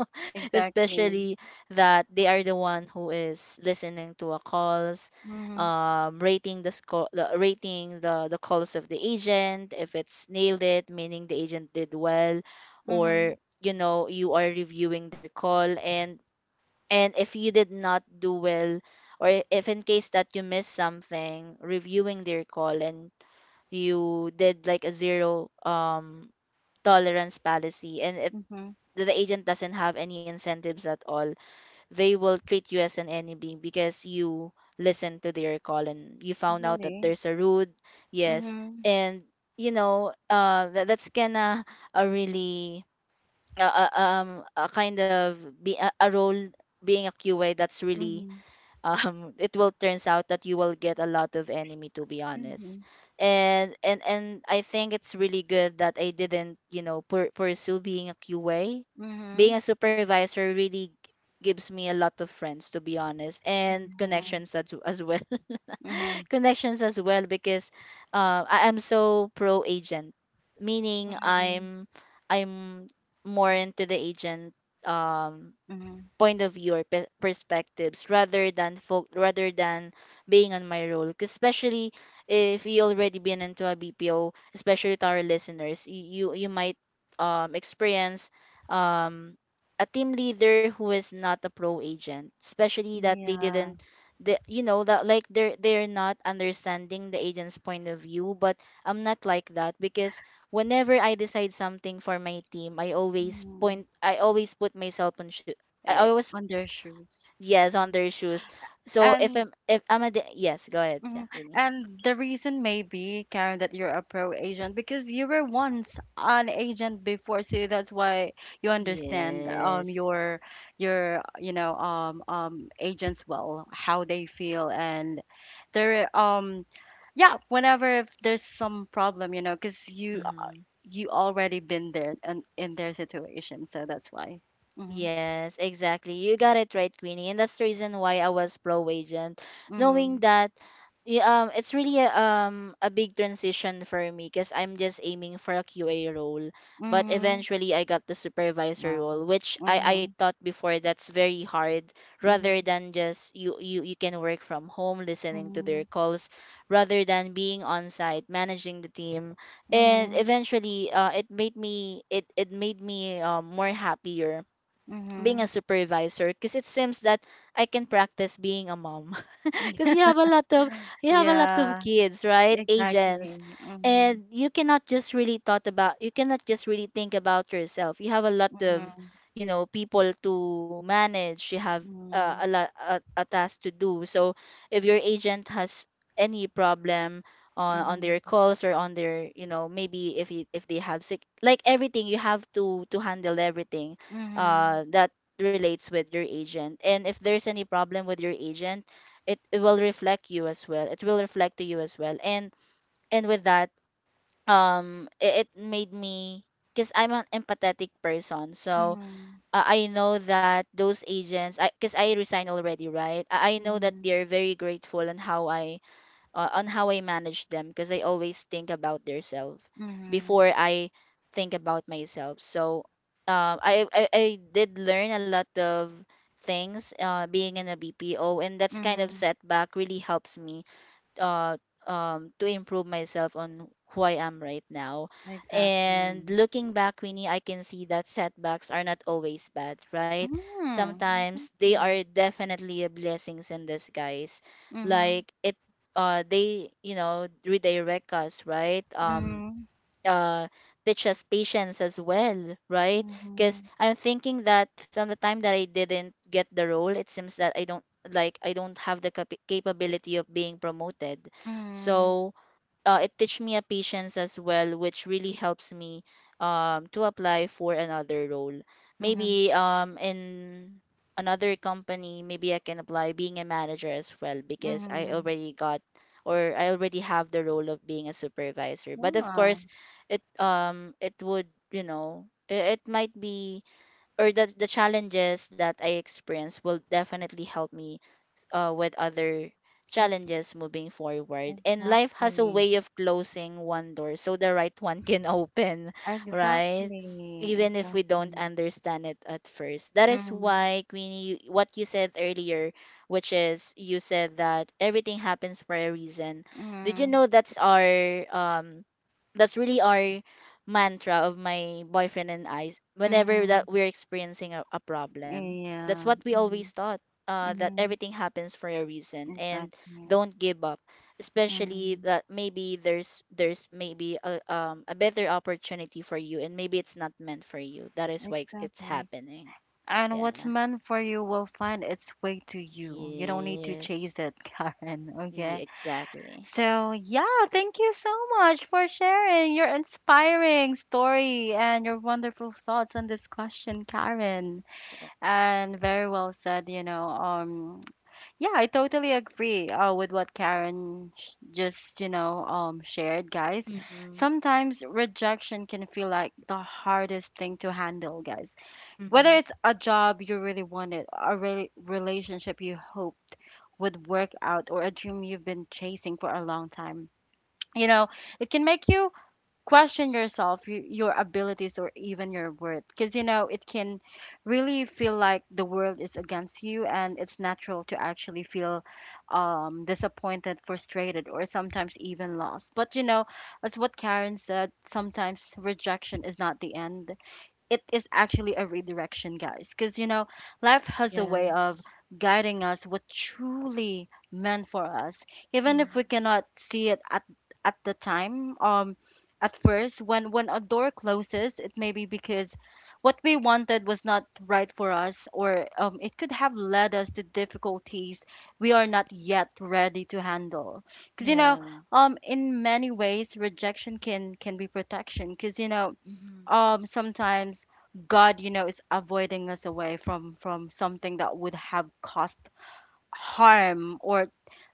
[SPEAKER 1] exactly.
[SPEAKER 2] especially that they are the one who is listening to a calls,
[SPEAKER 1] Mhm,
[SPEAKER 2] rating the score, the, rating the calls of the agent, if it's nailed it, meaning the agent did well,
[SPEAKER 1] mhm,
[SPEAKER 2] or you are reviewing their call, and if you did not do well, or if in case that you missed something, reviewing their call and you did like a zero tolerance policy. And if
[SPEAKER 1] mhm,
[SPEAKER 2] the agent doesn't have any incentives at all, they will treat you as an enemy, because you listened to their call and you found out that
[SPEAKER 1] really.
[SPEAKER 2] there's a rude, yes.
[SPEAKER 1] Mhm,
[SPEAKER 2] And that's gonna really uh, uh, um a kind of be a role being a QA, that's really
[SPEAKER 1] mhm,
[SPEAKER 2] it will turns out that you will get a lot of enemy, to be honest.
[SPEAKER 1] mhm,
[SPEAKER 2] And I think it's really good that I didn't pursue being a qa. Being
[SPEAKER 1] mhm,
[SPEAKER 2] a supervisor really gives me a lot of friends, to be honest, and connections
[SPEAKER 1] yeah.
[SPEAKER 2] as well
[SPEAKER 1] Mhm,
[SPEAKER 2] connections as well. Because I'm so pro agent, meaning
[SPEAKER 1] mhm,
[SPEAKER 2] I'm i'm more into the agent um
[SPEAKER 1] mhm,
[SPEAKER 2] point of view or perspectives, rather than folk, rather than being on my role. 'Cause especially if you already been into a BPO, especially to our listeners, you might experience um a team leader who is not a pro agent, especially that they
[SPEAKER 1] yeah.
[SPEAKER 2] didn't the you know that like they're not understanding the agent's point of view. But I'm not like that, because whenever I decide something for my team, I always
[SPEAKER 1] Mhm.
[SPEAKER 2] point, I always put myself on, I
[SPEAKER 1] Eh,
[SPEAKER 2] always,
[SPEAKER 1] on their shoes.
[SPEAKER 2] yes, on
[SPEAKER 1] Mm.
[SPEAKER 2] their shoes. So if
[SPEAKER 1] And.
[SPEAKER 2] I'm, yes, go ahead. Yeah,
[SPEAKER 1] Mhm.
[SPEAKER 2] really.
[SPEAKER 1] And the reason may be, Karen, that you're a pro agent because you were once an agent before, so that's why you understand
[SPEAKER 2] Yes.
[SPEAKER 1] your agents well, how they feel and their yeah, whenever if there's some problem, you know, because
[SPEAKER 2] Mm-hmm.
[SPEAKER 1] you already been there and in their situation, so that's why. Mhm.
[SPEAKER 2] Yes, exactly. You got it right, Queenie. And that's the reason why I was pro agent, knowing
[SPEAKER 1] Mhm.
[SPEAKER 2] that it's really a big transition for me, because I'm just aiming for a QA role. But
[SPEAKER 1] Mhm.
[SPEAKER 2] eventually I got the supervisor
[SPEAKER 1] Wow.
[SPEAKER 2] role, which I
[SPEAKER 1] Mhm.
[SPEAKER 2] thought before that's very hard, rather
[SPEAKER 1] Mhm.
[SPEAKER 2] than just you can work from home listening to their
[SPEAKER 1] Mhm.
[SPEAKER 2] calls, rather than being on site managing the team. And
[SPEAKER 1] Mhm.
[SPEAKER 2] eventually it made me, it made me more happier being a
[SPEAKER 1] Mhm.
[SPEAKER 2] supervisor, because it seems that I can practice being a mom because you have a lot of, you have a lot of
[SPEAKER 1] Yeah,
[SPEAKER 2] kids, right?
[SPEAKER 1] exactly.
[SPEAKER 2] Agents.
[SPEAKER 1] Mhm.
[SPEAKER 2] And you cannot just really thought about, you cannot just really think about yourself. You have a lot of
[SPEAKER 1] Mhm.
[SPEAKER 2] people to manage. You have a
[SPEAKER 1] Mhm.
[SPEAKER 2] lot a task to do. So if your agent has any problem on
[SPEAKER 1] Mhm.
[SPEAKER 2] their calls, or on their maybe if you, if they have sick, like everything, you have to handle everything that relates with your agent. And if there's any problem with your agent, it will reflect you as well. It will reflect to you as well. And with that, it made me, because I'm an empathetic person,
[SPEAKER 1] Mhm.
[SPEAKER 2] so
[SPEAKER 1] Mhm.
[SPEAKER 2] I know that those agents, I because I resigned already, right? I know that
[SPEAKER 1] Mhm.
[SPEAKER 2] they're very grateful on how I manage them, because I always think about their self
[SPEAKER 1] Mhm.
[SPEAKER 2] before I think about myself. So I did learn a lot of things being in a BPO, and that's kind of
[SPEAKER 1] Mhm.
[SPEAKER 2] setback really helps me uh, to improve myself on who I am right now. And
[SPEAKER 1] Exactly.
[SPEAKER 2] looking back, Winnie, I can see that setbacks are not always bad, right?
[SPEAKER 1] Mhm.
[SPEAKER 2] Sometimes they
[SPEAKER 1] Exactly.
[SPEAKER 2] are definitely a blessings in disguise.
[SPEAKER 1] Mhm.
[SPEAKER 2] Like it, they redirect us, right?
[SPEAKER 1] Mhm.
[SPEAKER 2] Uh teach us patience as well, right? Because
[SPEAKER 1] Mhm.
[SPEAKER 2] I'm thinking that from the time that I didn't get the role, it seems that I don't, like I don't have the capability of being promoted.
[SPEAKER 1] Mhm.
[SPEAKER 2] So it teach me a patience as well, which really helps me to apply for another role.
[SPEAKER 1] Mhm.
[SPEAKER 2] Maybe in another company, maybe I can apply being a manager as well, because I
[SPEAKER 1] Mhm.
[SPEAKER 2] already got, or I already have the role of being a supervisor. But of
[SPEAKER 1] Yeah.
[SPEAKER 2] course, it it would it might be, or the challenges that I experience will definitely help me with other
[SPEAKER 1] Ex
[SPEAKER 2] challenges moving forward. And life has a
[SPEAKER 1] Exactly.
[SPEAKER 2] way of closing one door so the right one can open, right?
[SPEAKER 1] Exactly.
[SPEAKER 2] Even if we don't
[SPEAKER 1] Exactly.
[SPEAKER 2] understand it at first. That is
[SPEAKER 1] Mhm.
[SPEAKER 2] why, Queenie, you- what you said earlier, which is you said that everything happens for a reason. Did you
[SPEAKER 1] Mhm.
[SPEAKER 2] know that's our that's really our mantra of my boyfriend and I. Whenever that
[SPEAKER 1] Mhm.
[SPEAKER 2] we're experiencing a problem. That's
[SPEAKER 1] Yeah.
[SPEAKER 2] what we always
[SPEAKER 1] Mhm.
[SPEAKER 2] thought. That
[SPEAKER 1] Mhm.
[SPEAKER 2] everything happens for a reason. And
[SPEAKER 1] Exactly.
[SPEAKER 2] don't give up, especially
[SPEAKER 1] Mm,
[SPEAKER 2] that maybe there's maybe a better opportunity for you. And maybe it's not meant for you, that is why it's
[SPEAKER 1] exactly.
[SPEAKER 2] happening. Yeah.
[SPEAKER 1] And what's meant for you will find its way to you. You don't need to chase
[SPEAKER 2] Yes.
[SPEAKER 1] it, Karen.
[SPEAKER 2] Yeah,
[SPEAKER 1] Okay.
[SPEAKER 2] exactly.
[SPEAKER 1] So, yeah, thank you so much for sharing your inspiring story and your wonderful thoughts on this question, Karen.
[SPEAKER 2] Right.
[SPEAKER 1] And very well said, you know. Yeah, I totally agree with what Karen just shared, guys.
[SPEAKER 2] Mm-hmm.
[SPEAKER 1] Sometimes rejection can feel like the hardest thing to handle, guys. Whether
[SPEAKER 2] Mm-hmm.
[SPEAKER 1] it's a job you really wanted, a relationship you hoped would work out, or a dream you've been chasing for a long time, you know, it can make you question yourself, your abilities, or even your worth. Because, you know, it can really feel like the world is against you, and it's natural to actually feel disappointed, frustrated, or sometimes even lost. But, you know, as what Karen said, sometimes rejection is not the end, it is actually a redirection, guys. Because, you know, life has a
[SPEAKER 2] Yes.
[SPEAKER 1] way of guiding us what truly meant for us, even if
[SPEAKER 2] Mm.
[SPEAKER 1] we cannot see it at the time. At first, when a door closes, it may be because what we wanted was not right for us, or it could have led us to difficulties we are not yet ready to handle. Because, you know,
[SPEAKER 2] Yeah.
[SPEAKER 1] in many ways, rejection can be protection. Because, you know,
[SPEAKER 2] Mm.
[SPEAKER 1] sometimes God, you know, is avoiding us away from something that would have caused harm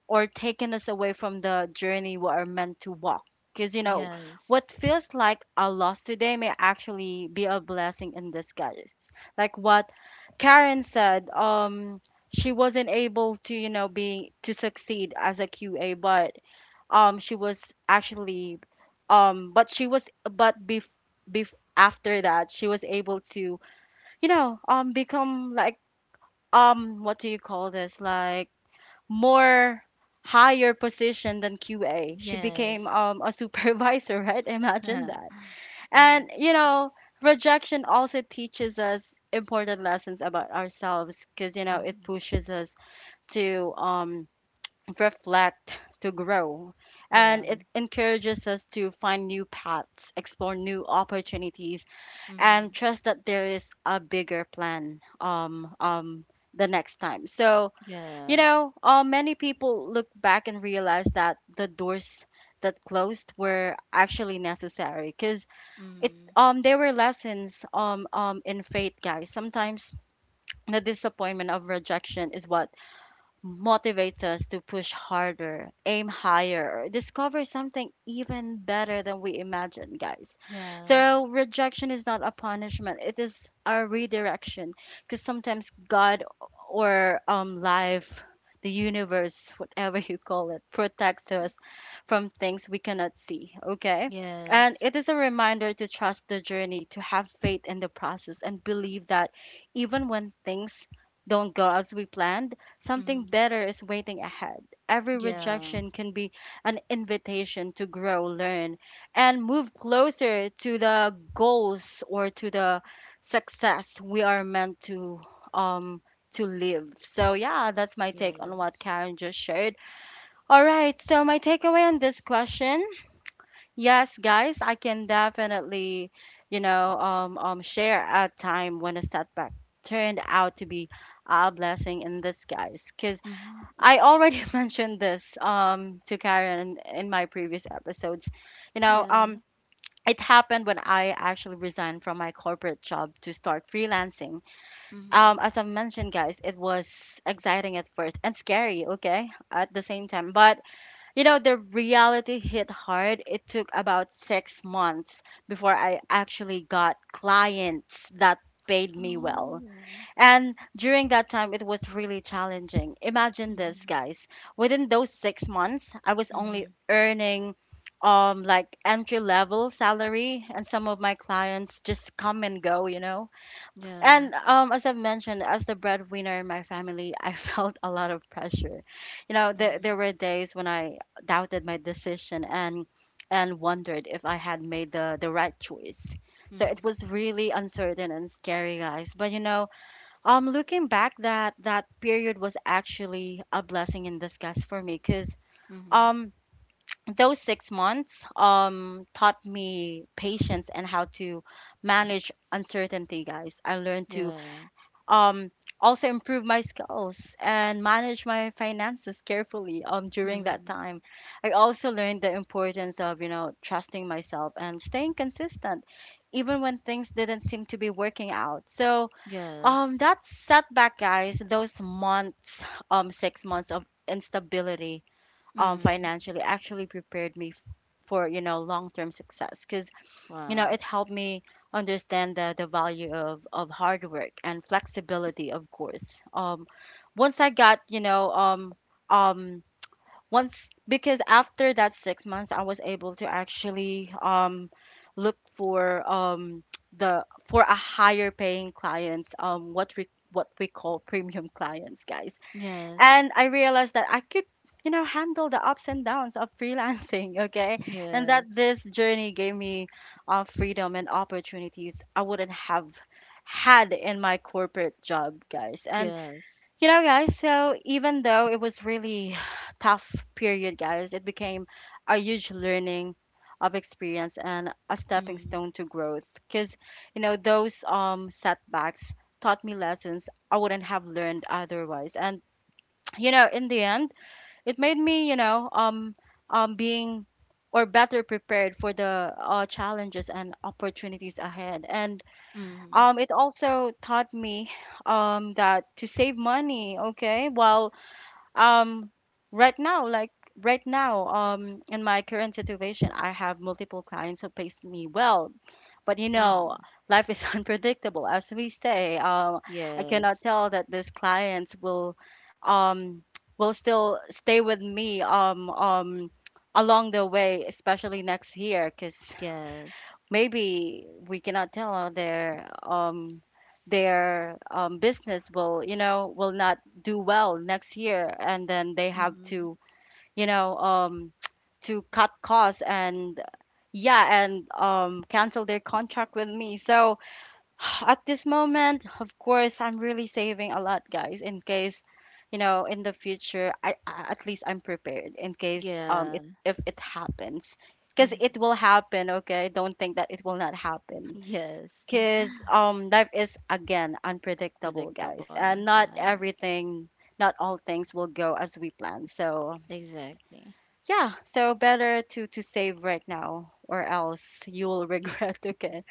[SPEAKER 1] or taken us away from the journey we are meant to walk. Because you know, what
[SPEAKER 2] Yes.
[SPEAKER 1] feels like a loss today may actually be a blessing in disguise. Like what Karen said, she wasn't able to, you know, be to succeed as a QA, but she was actually but she was but bef- bef- after that she was able to become like what do you call this, like more higher position than QA. She became
[SPEAKER 2] Yes.
[SPEAKER 1] a supervisor, right? Imagine
[SPEAKER 2] Mm-hmm.
[SPEAKER 1] that. And you know, rejection also teaches us important lessons about ourselves because you know it pushes us to reflect, to grow.
[SPEAKER 2] Yeah.
[SPEAKER 1] And it encourages us to find new paths, explore new opportunities,
[SPEAKER 2] Mm-hmm.
[SPEAKER 1] and trust that there is a bigger plan, the next time. So, you
[SPEAKER 2] Yes.
[SPEAKER 1] know, many people look back and realize that the doors that closed were actually necessary because it
[SPEAKER 2] Mm-hmm.
[SPEAKER 1] they were lessons in faith, guys. Sometimes the disappointment of rejection is what motivates us to push harder, aim higher, or discover something even better than we imagined, guys.
[SPEAKER 2] Yeah.
[SPEAKER 1] So, rejection is not a punishment, it is a redirection because sometimes God or life, the universe, whatever you call it, protects us from things we cannot see, okay? And
[SPEAKER 2] Yes.
[SPEAKER 1] it is a reminder to trust the journey, to have faith in the process, and believe that even when things don't go as we planned, something
[SPEAKER 2] Mm-hmm.
[SPEAKER 1] better is waiting ahead. Every
[SPEAKER 2] Yeah.
[SPEAKER 1] rejection can be an invitation to grow, learn, and move closer to the goals or to the success we are meant um to live. So yeah, that's my take on what
[SPEAKER 2] Yes.
[SPEAKER 1] Karen just shared. All right, so my takeaway on this question, yes, guys, I can definitely, share a time when a setback turned out to be a blessing in disguise. 'Cause
[SPEAKER 2] Mm-hmm.
[SPEAKER 1] I already mentioned this to Karen in my previous episodes. You know,
[SPEAKER 2] Yeah.
[SPEAKER 1] it happened when I actually resigned from my corporate job to start freelancing.
[SPEAKER 2] Mm-hmm.
[SPEAKER 1] As I mentioned, guys, it was exciting at first and scary, okay? At the same time, but you know, the reality hit hard. It took about 6 months before I actually got clients that paid me well,
[SPEAKER 2] Oh.
[SPEAKER 1] and during that time, it was really challenging. Imagine this,
[SPEAKER 2] Mm-hmm.
[SPEAKER 1] guys. Within those 6 months, I was only
[SPEAKER 2] Mm-hmm.
[SPEAKER 1] earning like entry level salary, and some of my clients just come and go, you know. And
[SPEAKER 2] Yeah.
[SPEAKER 1] as I've mentioned, as the breadwinner in my family, I felt a lot of pressure. You know, there
[SPEAKER 2] Mm-hmm.
[SPEAKER 1] were days when I doubted my decision and wondered if I had made the right choice. So it
[SPEAKER 2] Mm-hmm.
[SPEAKER 1] was really uncertain and scary, guys. But looking back, that period was actually a blessing in disguise for me, because
[SPEAKER 2] Mm-hmm.
[SPEAKER 1] um, those 6 months taught me patience and how to manage uncertainty, guys. I learned to
[SPEAKER 2] Yes.
[SPEAKER 1] um also improve my skills and manage my finances carefully during that
[SPEAKER 2] Mm-hmm.
[SPEAKER 1] time. I also learned the importance of, you know, trusting myself and staying consistent, even when things didn't seem to be working out. So
[SPEAKER 2] Yes.
[SPEAKER 1] that setback, guys, those months, 6 months of instability,
[SPEAKER 2] Mm-hmm.
[SPEAKER 1] financially actually prepared me for, you know, long-term success. Because, you know, it
[SPEAKER 2] Wow.
[SPEAKER 1] helped me understand the value of hard work and flexibility, of course. Um, once I got, you know, um, once Because after that 6 months I was able to actually look for the for a higher paying clients what we call premium clients, guys.
[SPEAKER 2] Yes.
[SPEAKER 1] And I realized that I could, you know, handle the ups and downs of freelancing, okay, and that
[SPEAKER 2] Yes.
[SPEAKER 1] this journey gave me freedom and opportunities I wouldn't have had in my corporate job, guys. And
[SPEAKER 2] Yes.
[SPEAKER 1] you know, guys, so even though it was really tough period, guys, it became a huge learning of experience and a stepping
[SPEAKER 2] Mm-hmm.
[SPEAKER 1] stone to growth. Because, you know, those setbacks taught me lessons I wouldn't have learned otherwise. And, you know, in the end, it made me, you know, being or better prepared for the challenges and opportunities ahead. And
[SPEAKER 2] Mm-hmm.
[SPEAKER 1] it also taught me that to save money, okay, while um, right now, like right now, in my current situation, I have multiple clients who pays me well, but you know,
[SPEAKER 2] Mm-hmm.
[SPEAKER 1] life is unpredictable, as we say. I cannot
[SPEAKER 2] Yes.
[SPEAKER 1] tell that these clients um, will still stay with me, along the way, especially next year, because
[SPEAKER 2] Yes.
[SPEAKER 1] maybe we cannot tell their business will, you know, will not do well next year, and then they have
[SPEAKER 2] Mm-hmm.
[SPEAKER 1] to, you know, to cut costs and yeah, and cancel their contract with me. So at this moment, of course, I'm really saving a lot, guys, in case, you know, in the future, I at least I'm prepared in case
[SPEAKER 2] Yeah.
[SPEAKER 1] if it happens. Because it
[SPEAKER 2] Hmm.
[SPEAKER 1] will happen, okay? Don't think that it will not happen.
[SPEAKER 2] Yes.
[SPEAKER 1] Because life is, again, unpredictable, guys.
[SPEAKER 2] Predictable.
[SPEAKER 1] And not
[SPEAKER 2] Right.
[SPEAKER 1] everything, not all things will go as we plan. So,
[SPEAKER 2] Exactly.
[SPEAKER 1] yeah. So, better to save right now, or else you will regret, okay?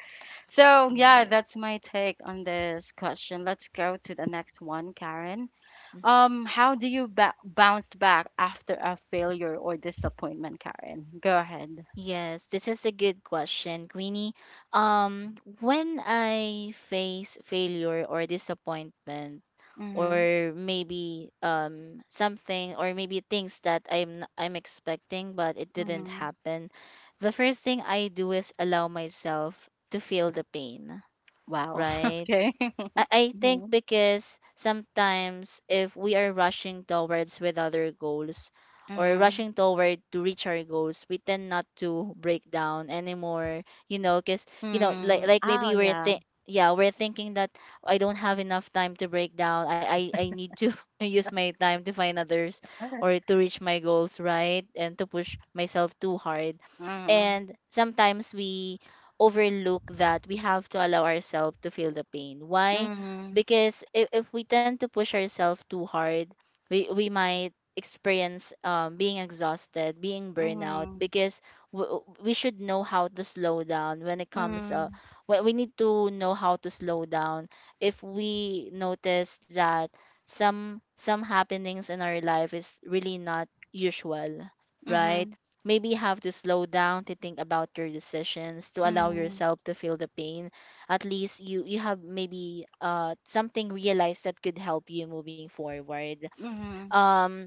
[SPEAKER 1] So, yeah,
[SPEAKER 2] Right.
[SPEAKER 1] that's my take on this question. Let's go to the next one, Karen.
[SPEAKER 2] Mhm.
[SPEAKER 1] How do you bounce back after a failure or disappointment, Karen? Go ahead.
[SPEAKER 2] Yes, this is a good question, Queenie. Um, when I face failure or disappointment,
[SPEAKER 1] Mm-hmm.
[SPEAKER 2] or maybe something, or maybe things that I'm expecting but it didn't
[SPEAKER 1] Mm-hmm.
[SPEAKER 2] happen, the first thing I do is allow myself to feel the pain,
[SPEAKER 1] Wow.
[SPEAKER 2] right?
[SPEAKER 1] Okay.
[SPEAKER 2] I think
[SPEAKER 1] Mm-hmm.
[SPEAKER 2] because sometimes if we are rushing towards with other goals, or
[SPEAKER 1] Mm-hmm.
[SPEAKER 2] rushing toward to reach our goals, we tend not to break down anymore, you know, because, you know,
[SPEAKER 1] Mm-hmm.
[SPEAKER 2] like
[SPEAKER 1] Oh,
[SPEAKER 2] maybe we're,
[SPEAKER 1] yeah.
[SPEAKER 2] yeah, we're thinking that I don't have enough time to break down. I need to use my time to find others or to reach my goals, right? And to push myself too hard.
[SPEAKER 1] Mm-hmm.
[SPEAKER 2] And sometimes we overlook that we have to allow ourselves to feel the pain. Why?
[SPEAKER 1] Mm-hmm.
[SPEAKER 2] Because if we tend to push ourselves too hard, we might experience being exhausted, being burnout, because we should know how to slow down when it comes
[SPEAKER 1] Mm-hmm.
[SPEAKER 2] when we need to know how to slow down if we notice that some happenings in our life is really not usual,
[SPEAKER 1] Mm-hmm.
[SPEAKER 2] right? Maybe you have to slow down to think about your decisions, to allow
[SPEAKER 1] Mm-hmm.
[SPEAKER 2] yourself to feel the pain. At least you have maybe something realized that could help you moving forward.
[SPEAKER 1] Mm-hmm.
[SPEAKER 2] um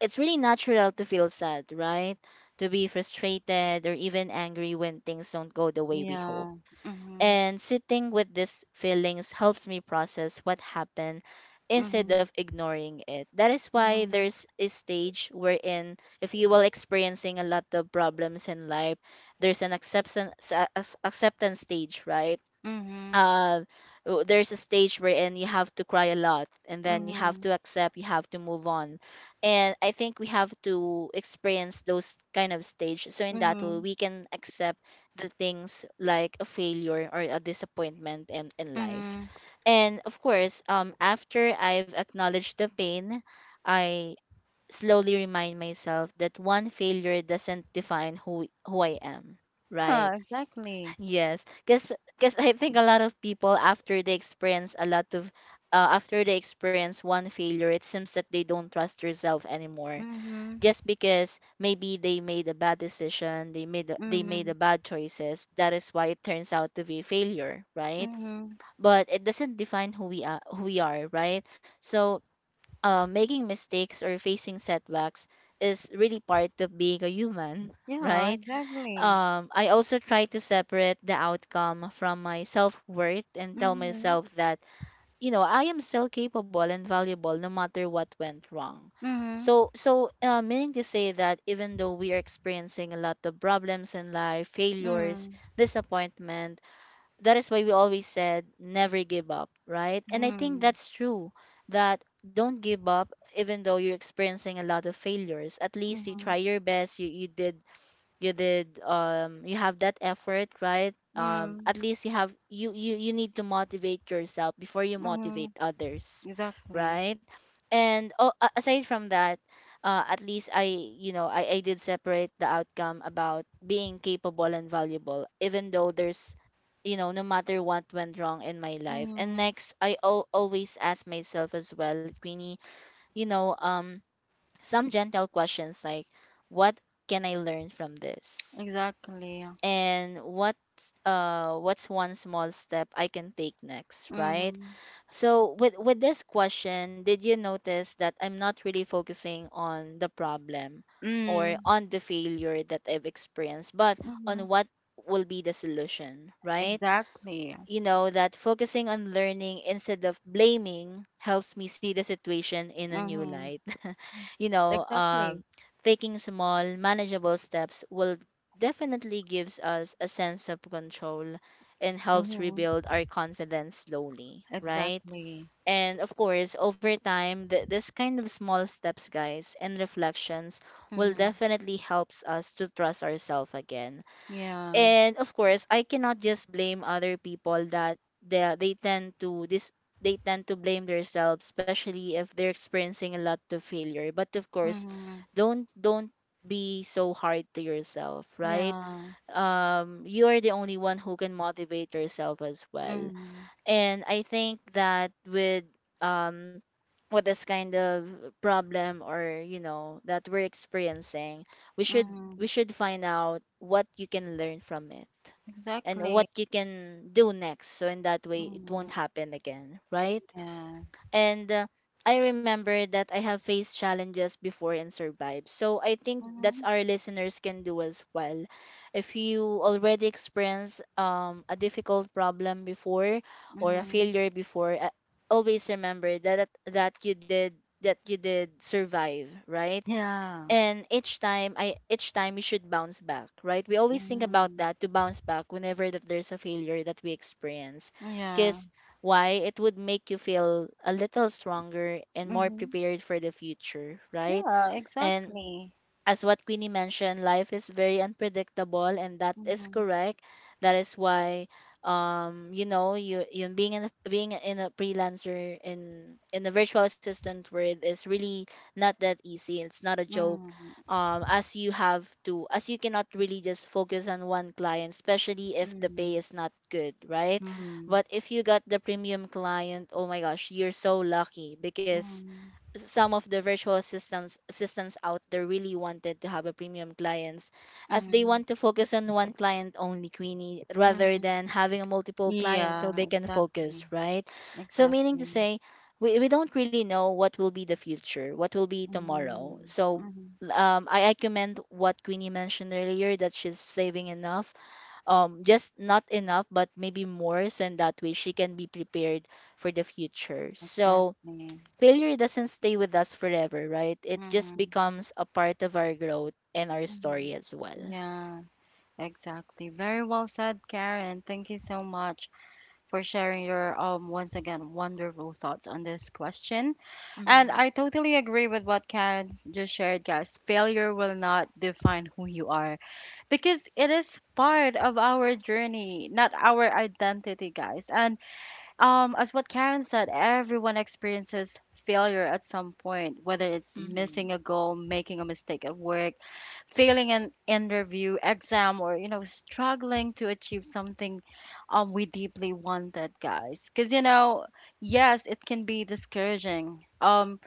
[SPEAKER 2] it's really natural to feel sad, right? To be frustrated or even angry when things don't go the way we hope.
[SPEAKER 1] Yeah. Mm-hmm.
[SPEAKER 2] And sitting with these feelings helps me process what happened instead
[SPEAKER 1] Mm-hmm.
[SPEAKER 2] of ignoring it. That is why
[SPEAKER 1] Mm-hmm.
[SPEAKER 2] there's a stage wherein if you will experiencing a lot of problems in life, there's an acceptance acceptance stage, right?
[SPEAKER 1] Mm-hmm.
[SPEAKER 2] uh, there's a stage wherein you have to cry a lot, and then you have to accept, you have to move on. And I think we have to experience those kind of stage, so in that way
[SPEAKER 1] Mm-hmm.
[SPEAKER 2] we can accept the things like a failure or a disappointment in life.
[SPEAKER 1] Mm-hmm.
[SPEAKER 2] And of course, after I've acknowledged the pain, I slowly remind myself that one failure doesn't define who I am, right?
[SPEAKER 1] Yeah, exactly.
[SPEAKER 2] Yes, because I think a lot of people after they experience a lot of after they experience one failure, it seems that they don't trust yourself anymore.
[SPEAKER 1] Mhm.
[SPEAKER 2] Just because maybe they made a bad decision, they they made a
[SPEAKER 1] Mhm.
[SPEAKER 2] bad choices. That is why it turns out to be a failure, right?
[SPEAKER 1] Mhm.
[SPEAKER 2] But it doesn't define who we are, right? So, making mistakes or facing setbacks is really part of being a human,
[SPEAKER 1] Yeah,
[SPEAKER 2] right?
[SPEAKER 1] exactly.
[SPEAKER 2] I also try to separate the outcome from my self worth and tell
[SPEAKER 1] Mhm.
[SPEAKER 2] myself that you know I am still capable and valuable no matter what went wrong.
[SPEAKER 1] Mhm.
[SPEAKER 2] Meaning to say that even though we are experiencing a lot of problems in life, failures,
[SPEAKER 1] Mhm.
[SPEAKER 2] disappointment, that is why we always said never give up, right? And I think
[SPEAKER 1] Mhm.
[SPEAKER 2] that's true, that don't give up even though you're experiencing a lot of failures. At least you try
[SPEAKER 1] Mhm.
[SPEAKER 2] your best, you did you did, you have that effort, right?
[SPEAKER 1] Mhm.
[SPEAKER 2] At least you have you need to motivate yourself before you motivate
[SPEAKER 1] Mhm.
[SPEAKER 2] others,
[SPEAKER 1] Exactly.
[SPEAKER 2] right? And oh, aside from that, at least I you know I did separate the outcome about being capable and valuable, even though there's you know no matter what went wrong in my life. And
[SPEAKER 1] Mhm.
[SPEAKER 2] next always ask myself as well, Queenie, you know, some gentle questions like, what can I learn from this,
[SPEAKER 1] Exactly.
[SPEAKER 2] and what's one small step I can take next, right?
[SPEAKER 1] Mhm.
[SPEAKER 2] So with this question, did you notice that I'm not really focusing on the problem or
[SPEAKER 1] Mhm.
[SPEAKER 2] on the failure that I've experienced, but on
[SPEAKER 1] Mhm.
[SPEAKER 2] what will be the solution, right?
[SPEAKER 1] Exactly.
[SPEAKER 2] You know that focusing on learning instead of blaming helps me see the situation in a new
[SPEAKER 1] Mhm.
[SPEAKER 2] light.
[SPEAKER 1] Yes,
[SPEAKER 2] You know,
[SPEAKER 1] exactly.
[SPEAKER 2] taking small manageable steps will definitely gives us a sense of control and helps
[SPEAKER 1] Mhm.
[SPEAKER 2] rebuild our confidence slowly, right?
[SPEAKER 1] Exactly.
[SPEAKER 2] And of course, over time, this kind of small steps, guys, and reflections will
[SPEAKER 1] Mhm.
[SPEAKER 2] definitely helps us to trust ourselves again.
[SPEAKER 1] Yeah.
[SPEAKER 2] And of course, I cannot just blame other people that they tend to this they tend to blame themselves, especially if they're experiencing a lot of failure. But of course,
[SPEAKER 1] Mhm.
[SPEAKER 2] don't be so hard to yourself, right?
[SPEAKER 1] Yeah.
[SPEAKER 2] You are the only one who can motivate yourself as well.
[SPEAKER 1] Mhm.
[SPEAKER 2] And I think that with um this kind of problem, or you know that we're experiencing, we should we
[SPEAKER 1] Mhm.
[SPEAKER 2] should find out what you can learn from it and what
[SPEAKER 1] Exactly.
[SPEAKER 2] you can do next, so in that way it won't
[SPEAKER 1] Mhm.
[SPEAKER 2] happen again, right?
[SPEAKER 1] Yeah.
[SPEAKER 2] And I remember that I have faced challenges before and survived. So I think that's
[SPEAKER 1] Mhm.
[SPEAKER 2] our listeners can do as well. If you already experienced a difficult problem before, or a
[SPEAKER 1] Mhm.
[SPEAKER 2] failure before, always remember that that you did survive, right?
[SPEAKER 1] Yeah.
[SPEAKER 2] And each time we should bounce back, right? We always think about
[SPEAKER 1] Mhm.
[SPEAKER 2] that, to bounce back whenever that there's a failure that we experience,
[SPEAKER 1] Yeah.
[SPEAKER 2] because why, it would make you feel a little stronger and more
[SPEAKER 1] Mhm.
[SPEAKER 2] prepared for the future, right?
[SPEAKER 1] Yeah,
[SPEAKER 2] And
[SPEAKER 1] exactly.
[SPEAKER 2] as what Queenie mentioned, life is very unpredictable, and that is
[SPEAKER 1] Mhm.
[SPEAKER 2] correct. That is why, you know, you being in a freelancer in the virtual assistant world is really not that easy. It's not a joke.
[SPEAKER 1] Mhm.
[SPEAKER 2] As you have to, as you cannot really just focus on one client, especially if the pay
[SPEAKER 1] Mhm.
[SPEAKER 2] is not good, right?
[SPEAKER 1] Mm.
[SPEAKER 2] But if you got the premium client, oh my gosh, you're so lucky, because
[SPEAKER 1] Mhm.
[SPEAKER 2] some of the virtual assistants out there really wanted to have a premium clients, as they
[SPEAKER 1] Mhm.
[SPEAKER 2] want to focus on one client only, Queenie, rather
[SPEAKER 1] Mhm.
[SPEAKER 2] than having a multiple clients, so
[SPEAKER 1] Yeah,
[SPEAKER 2] they can focus,
[SPEAKER 1] exactly.
[SPEAKER 2] right? So meaning to
[SPEAKER 1] Exactly.
[SPEAKER 2] say, we don't really know what will be the future, what will be tomorrow.
[SPEAKER 1] Mhm.
[SPEAKER 2] So
[SPEAKER 1] Mhm.
[SPEAKER 2] I commend what Queenie mentioned earlier, that she's saving enough, just not enough but maybe more, so in that way she can be prepared for the future. So
[SPEAKER 1] Exactly.
[SPEAKER 2] failure doesn't stay with us forever, right? It just
[SPEAKER 1] Mhm.
[SPEAKER 2] becomes a part of our growth and our
[SPEAKER 1] Mhm.
[SPEAKER 2] story as well.
[SPEAKER 1] Yeah, exactly. Very well said, Karen. Thank you so much for sharing your once again wonderful thoughts on this question. And
[SPEAKER 2] Mm-hmm.
[SPEAKER 1] I totally agree with what Karen just shared, guys. Failure will not define who you are because it is part of our journey, not our identity, guys. And as what Karen said, everyone experiences failure at some point, whether it's
[SPEAKER 2] Mm-hmm.
[SPEAKER 1] missing a goal, making a mistake at work, failing an interview, exam, or you know, struggling to achieve something we deeply wanted, guys. Because you know, yes, it can be discouraging.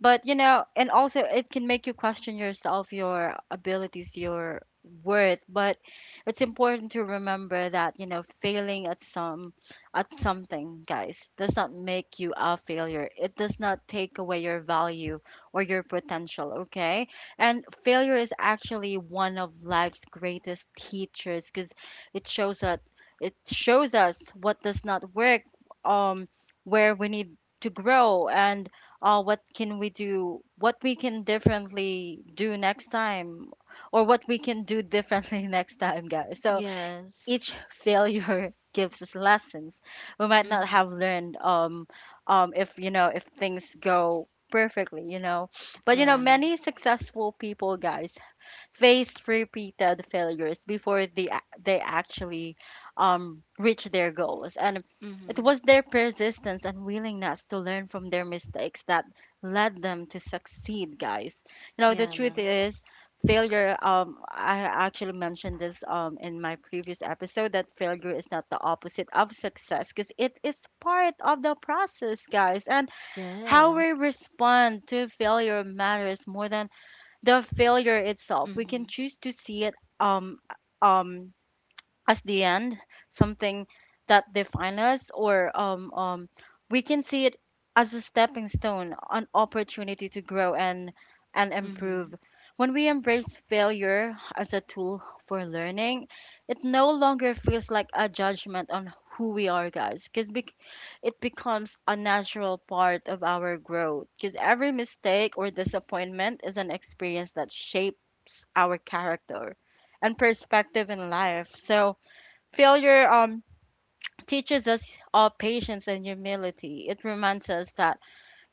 [SPEAKER 1] But you know, and also it can make you question yourself, your abilities, your worth. But it's important to remember that, you know, failing at some at something, guys, does not make you a failure. It does not take away your value or your potential, okay? And failure is actually one of life's greatest teachers because it shows us it shows us what does not work, um, where we need to grow, and what we can differently do next time, or what we can do differently next time, guys. So
[SPEAKER 2] Yes.
[SPEAKER 1] each failure gives us lessons we might not have
[SPEAKER 2] Mm-hmm.
[SPEAKER 1] learned if, you know, if things go perfectly, you know. But you know,
[SPEAKER 2] Right.
[SPEAKER 1] many successful people, guys, faced repeated failures before they actually reach their goals. And it
[SPEAKER 2] Mm-hmm.
[SPEAKER 1] was their persistence and willingness to learn from their mistakes that led them to succeed, guys. You know, the
[SPEAKER 2] Yeah.
[SPEAKER 1] truth is, failure. I actually mentioned this in my previous episode that failure is not the opposite of success because it is part of the process, guys. And how
[SPEAKER 2] Yeah.
[SPEAKER 1] we respond to failure matters more than the failure itself. We
[SPEAKER 2] Mm-hmm.
[SPEAKER 1] can choose to see it um um as the end, something that defines us, or we can see it as a stepping stone, an opportunity to grow and
[SPEAKER 2] Mm-hmm.
[SPEAKER 1] improve. When we embrace failure as a tool for learning, it no longer feels like a judgment on who we are, guys, because it becomes a natural part of our growth. Because every mistake or disappointment is an experience that shapes our character and perspective in life. So, failure teaches us all patience and humility. It reminds us that,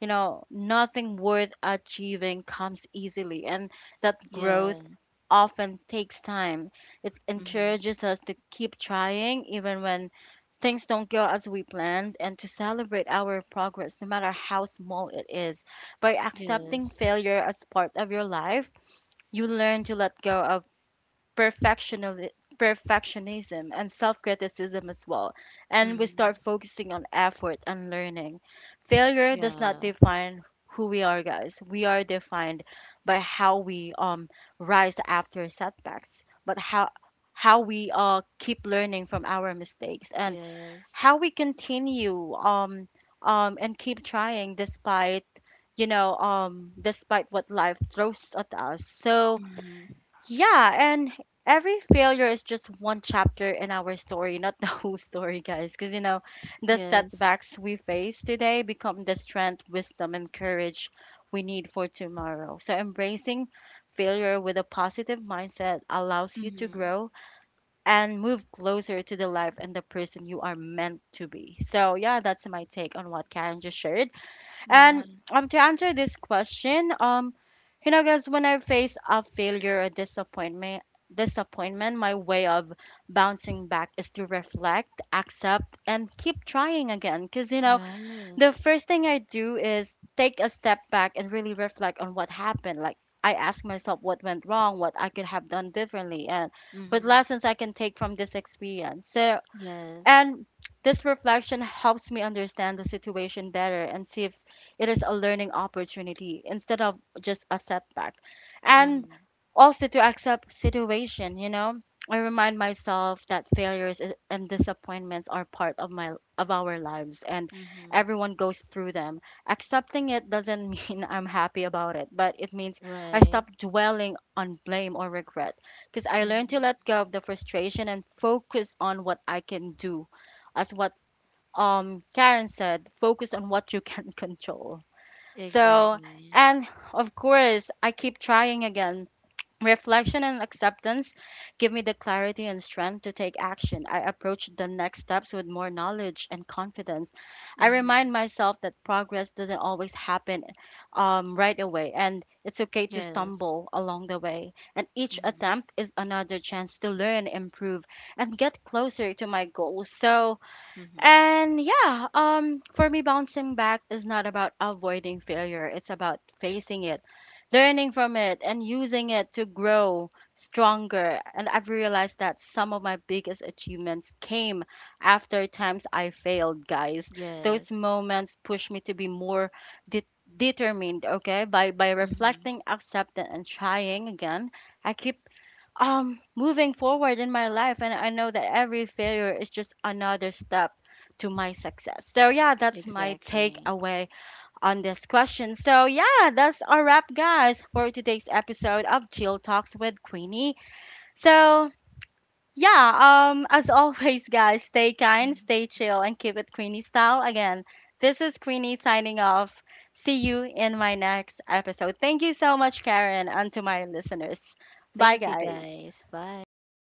[SPEAKER 1] you know, nothing worth achieving comes easily, and that
[SPEAKER 2] Yeah.
[SPEAKER 1] growth often takes time. It
[SPEAKER 2] Mm-hmm.
[SPEAKER 1] encourages us to keep trying even when things don't go as we planned, and to celebrate our progress no matter how small it is. By accepting
[SPEAKER 2] Yes.
[SPEAKER 1] failure as part of your life, you learn to let go of perfectionism perfectionism and self-criticism as well, and we
[SPEAKER 2] Mm-hmm.
[SPEAKER 1] start focusing on effort and learning. Failure does not
[SPEAKER 2] Yeah.
[SPEAKER 1] define who we are, guys. We are defined by how we rise after setbacks, but how we keep learning from our mistakes, and
[SPEAKER 2] Yeah.
[SPEAKER 1] how we continue and keep trying despite, you know, despite what life throws at us. So
[SPEAKER 2] Mm-hmm.
[SPEAKER 1] yeah, and every failure is just one chapter in our story, not the whole story, guys. Because, you know, the
[SPEAKER 2] Yes.
[SPEAKER 1] setbacks we face today become the strength, wisdom, and courage we need for tomorrow. So, embracing failure with a positive mindset allows you to
[SPEAKER 2] Mm-hmm.
[SPEAKER 1] grow and move closer to the life and the person you are meant to be. So, yeah, that's my take on what Karen just shared.
[SPEAKER 2] Yeah.
[SPEAKER 1] And to answer this question, you know, guys, when I face a failure or disappointment, my way of bouncing back is to reflect, accept, and keep trying again. Because, you know, the
[SPEAKER 2] Yes.
[SPEAKER 1] first thing I do is take a step back and really reflect on what happened. Like, I ask myself what went wrong, what I could have done differently, and what
[SPEAKER 2] Mm-hmm.
[SPEAKER 1] lessons I can take from this experience. So
[SPEAKER 2] Yes.
[SPEAKER 1] and this reflection helps me understand the situation better and see if it is a learning opportunity instead of just a setback. And
[SPEAKER 2] Mm-hmm.
[SPEAKER 1] also to accept situation, you know. I remind myself that failures and disappointments are part of my of our lives, and
[SPEAKER 2] Mm-hmm.
[SPEAKER 1] everyone goes through them. Accepting it doesn't mean I'm happy about it, but it means I
[SPEAKER 2] Right.
[SPEAKER 1] stop dwelling on blame or regret, because I learned to
[SPEAKER 2] Mm-hmm.
[SPEAKER 1] let go of the frustration and focus on what I can do. As what Karen said, focus on what you can control. So,
[SPEAKER 2] Exactly.
[SPEAKER 1] and of course, I keep trying again. Reflection and acceptance give me the clarity and strength to take action. I approach the next steps with more knowledge and confidence. I
[SPEAKER 2] Mm-hmm.
[SPEAKER 1] remind myself that progress doesn't always happen right away, and it's okay to
[SPEAKER 2] Yes.
[SPEAKER 1] stumble along the way. And each
[SPEAKER 2] Mm-hmm.
[SPEAKER 1] attempt is another chance to learn, improve, and get closer to my goals. So,
[SPEAKER 2] Mm-hmm.
[SPEAKER 1] and yeah, for me, bouncing back is not about avoiding failure. It's about facing it, learning from it, and using it to grow stronger. And I've realized that some of my biggest achievements came after times I failed, guys. Those
[SPEAKER 2] Yes.
[SPEAKER 1] moments pushed me to be more de- determined, okay? By
[SPEAKER 2] Mm-hmm.
[SPEAKER 1] reflecting, accepting, and trying again, I keep moving forward in my life, and I know that every failure is just another step to my success. So yeah, that's my
[SPEAKER 2] Exactly.
[SPEAKER 1] takeaway on this question. So yeah, that's our wrap, guys, for today's episode of Chill Talks with Queenie. So yeah, as always, guys, stay kind,
[SPEAKER 2] Mhm.
[SPEAKER 1] stay chill, and keep it Queenie style. Again, this is Queenie signing off. See you in my next episode. Thank you so much, Karen, and to my listeners. Bye,
[SPEAKER 2] Thank you,
[SPEAKER 1] guys.
[SPEAKER 2] guys. Bye.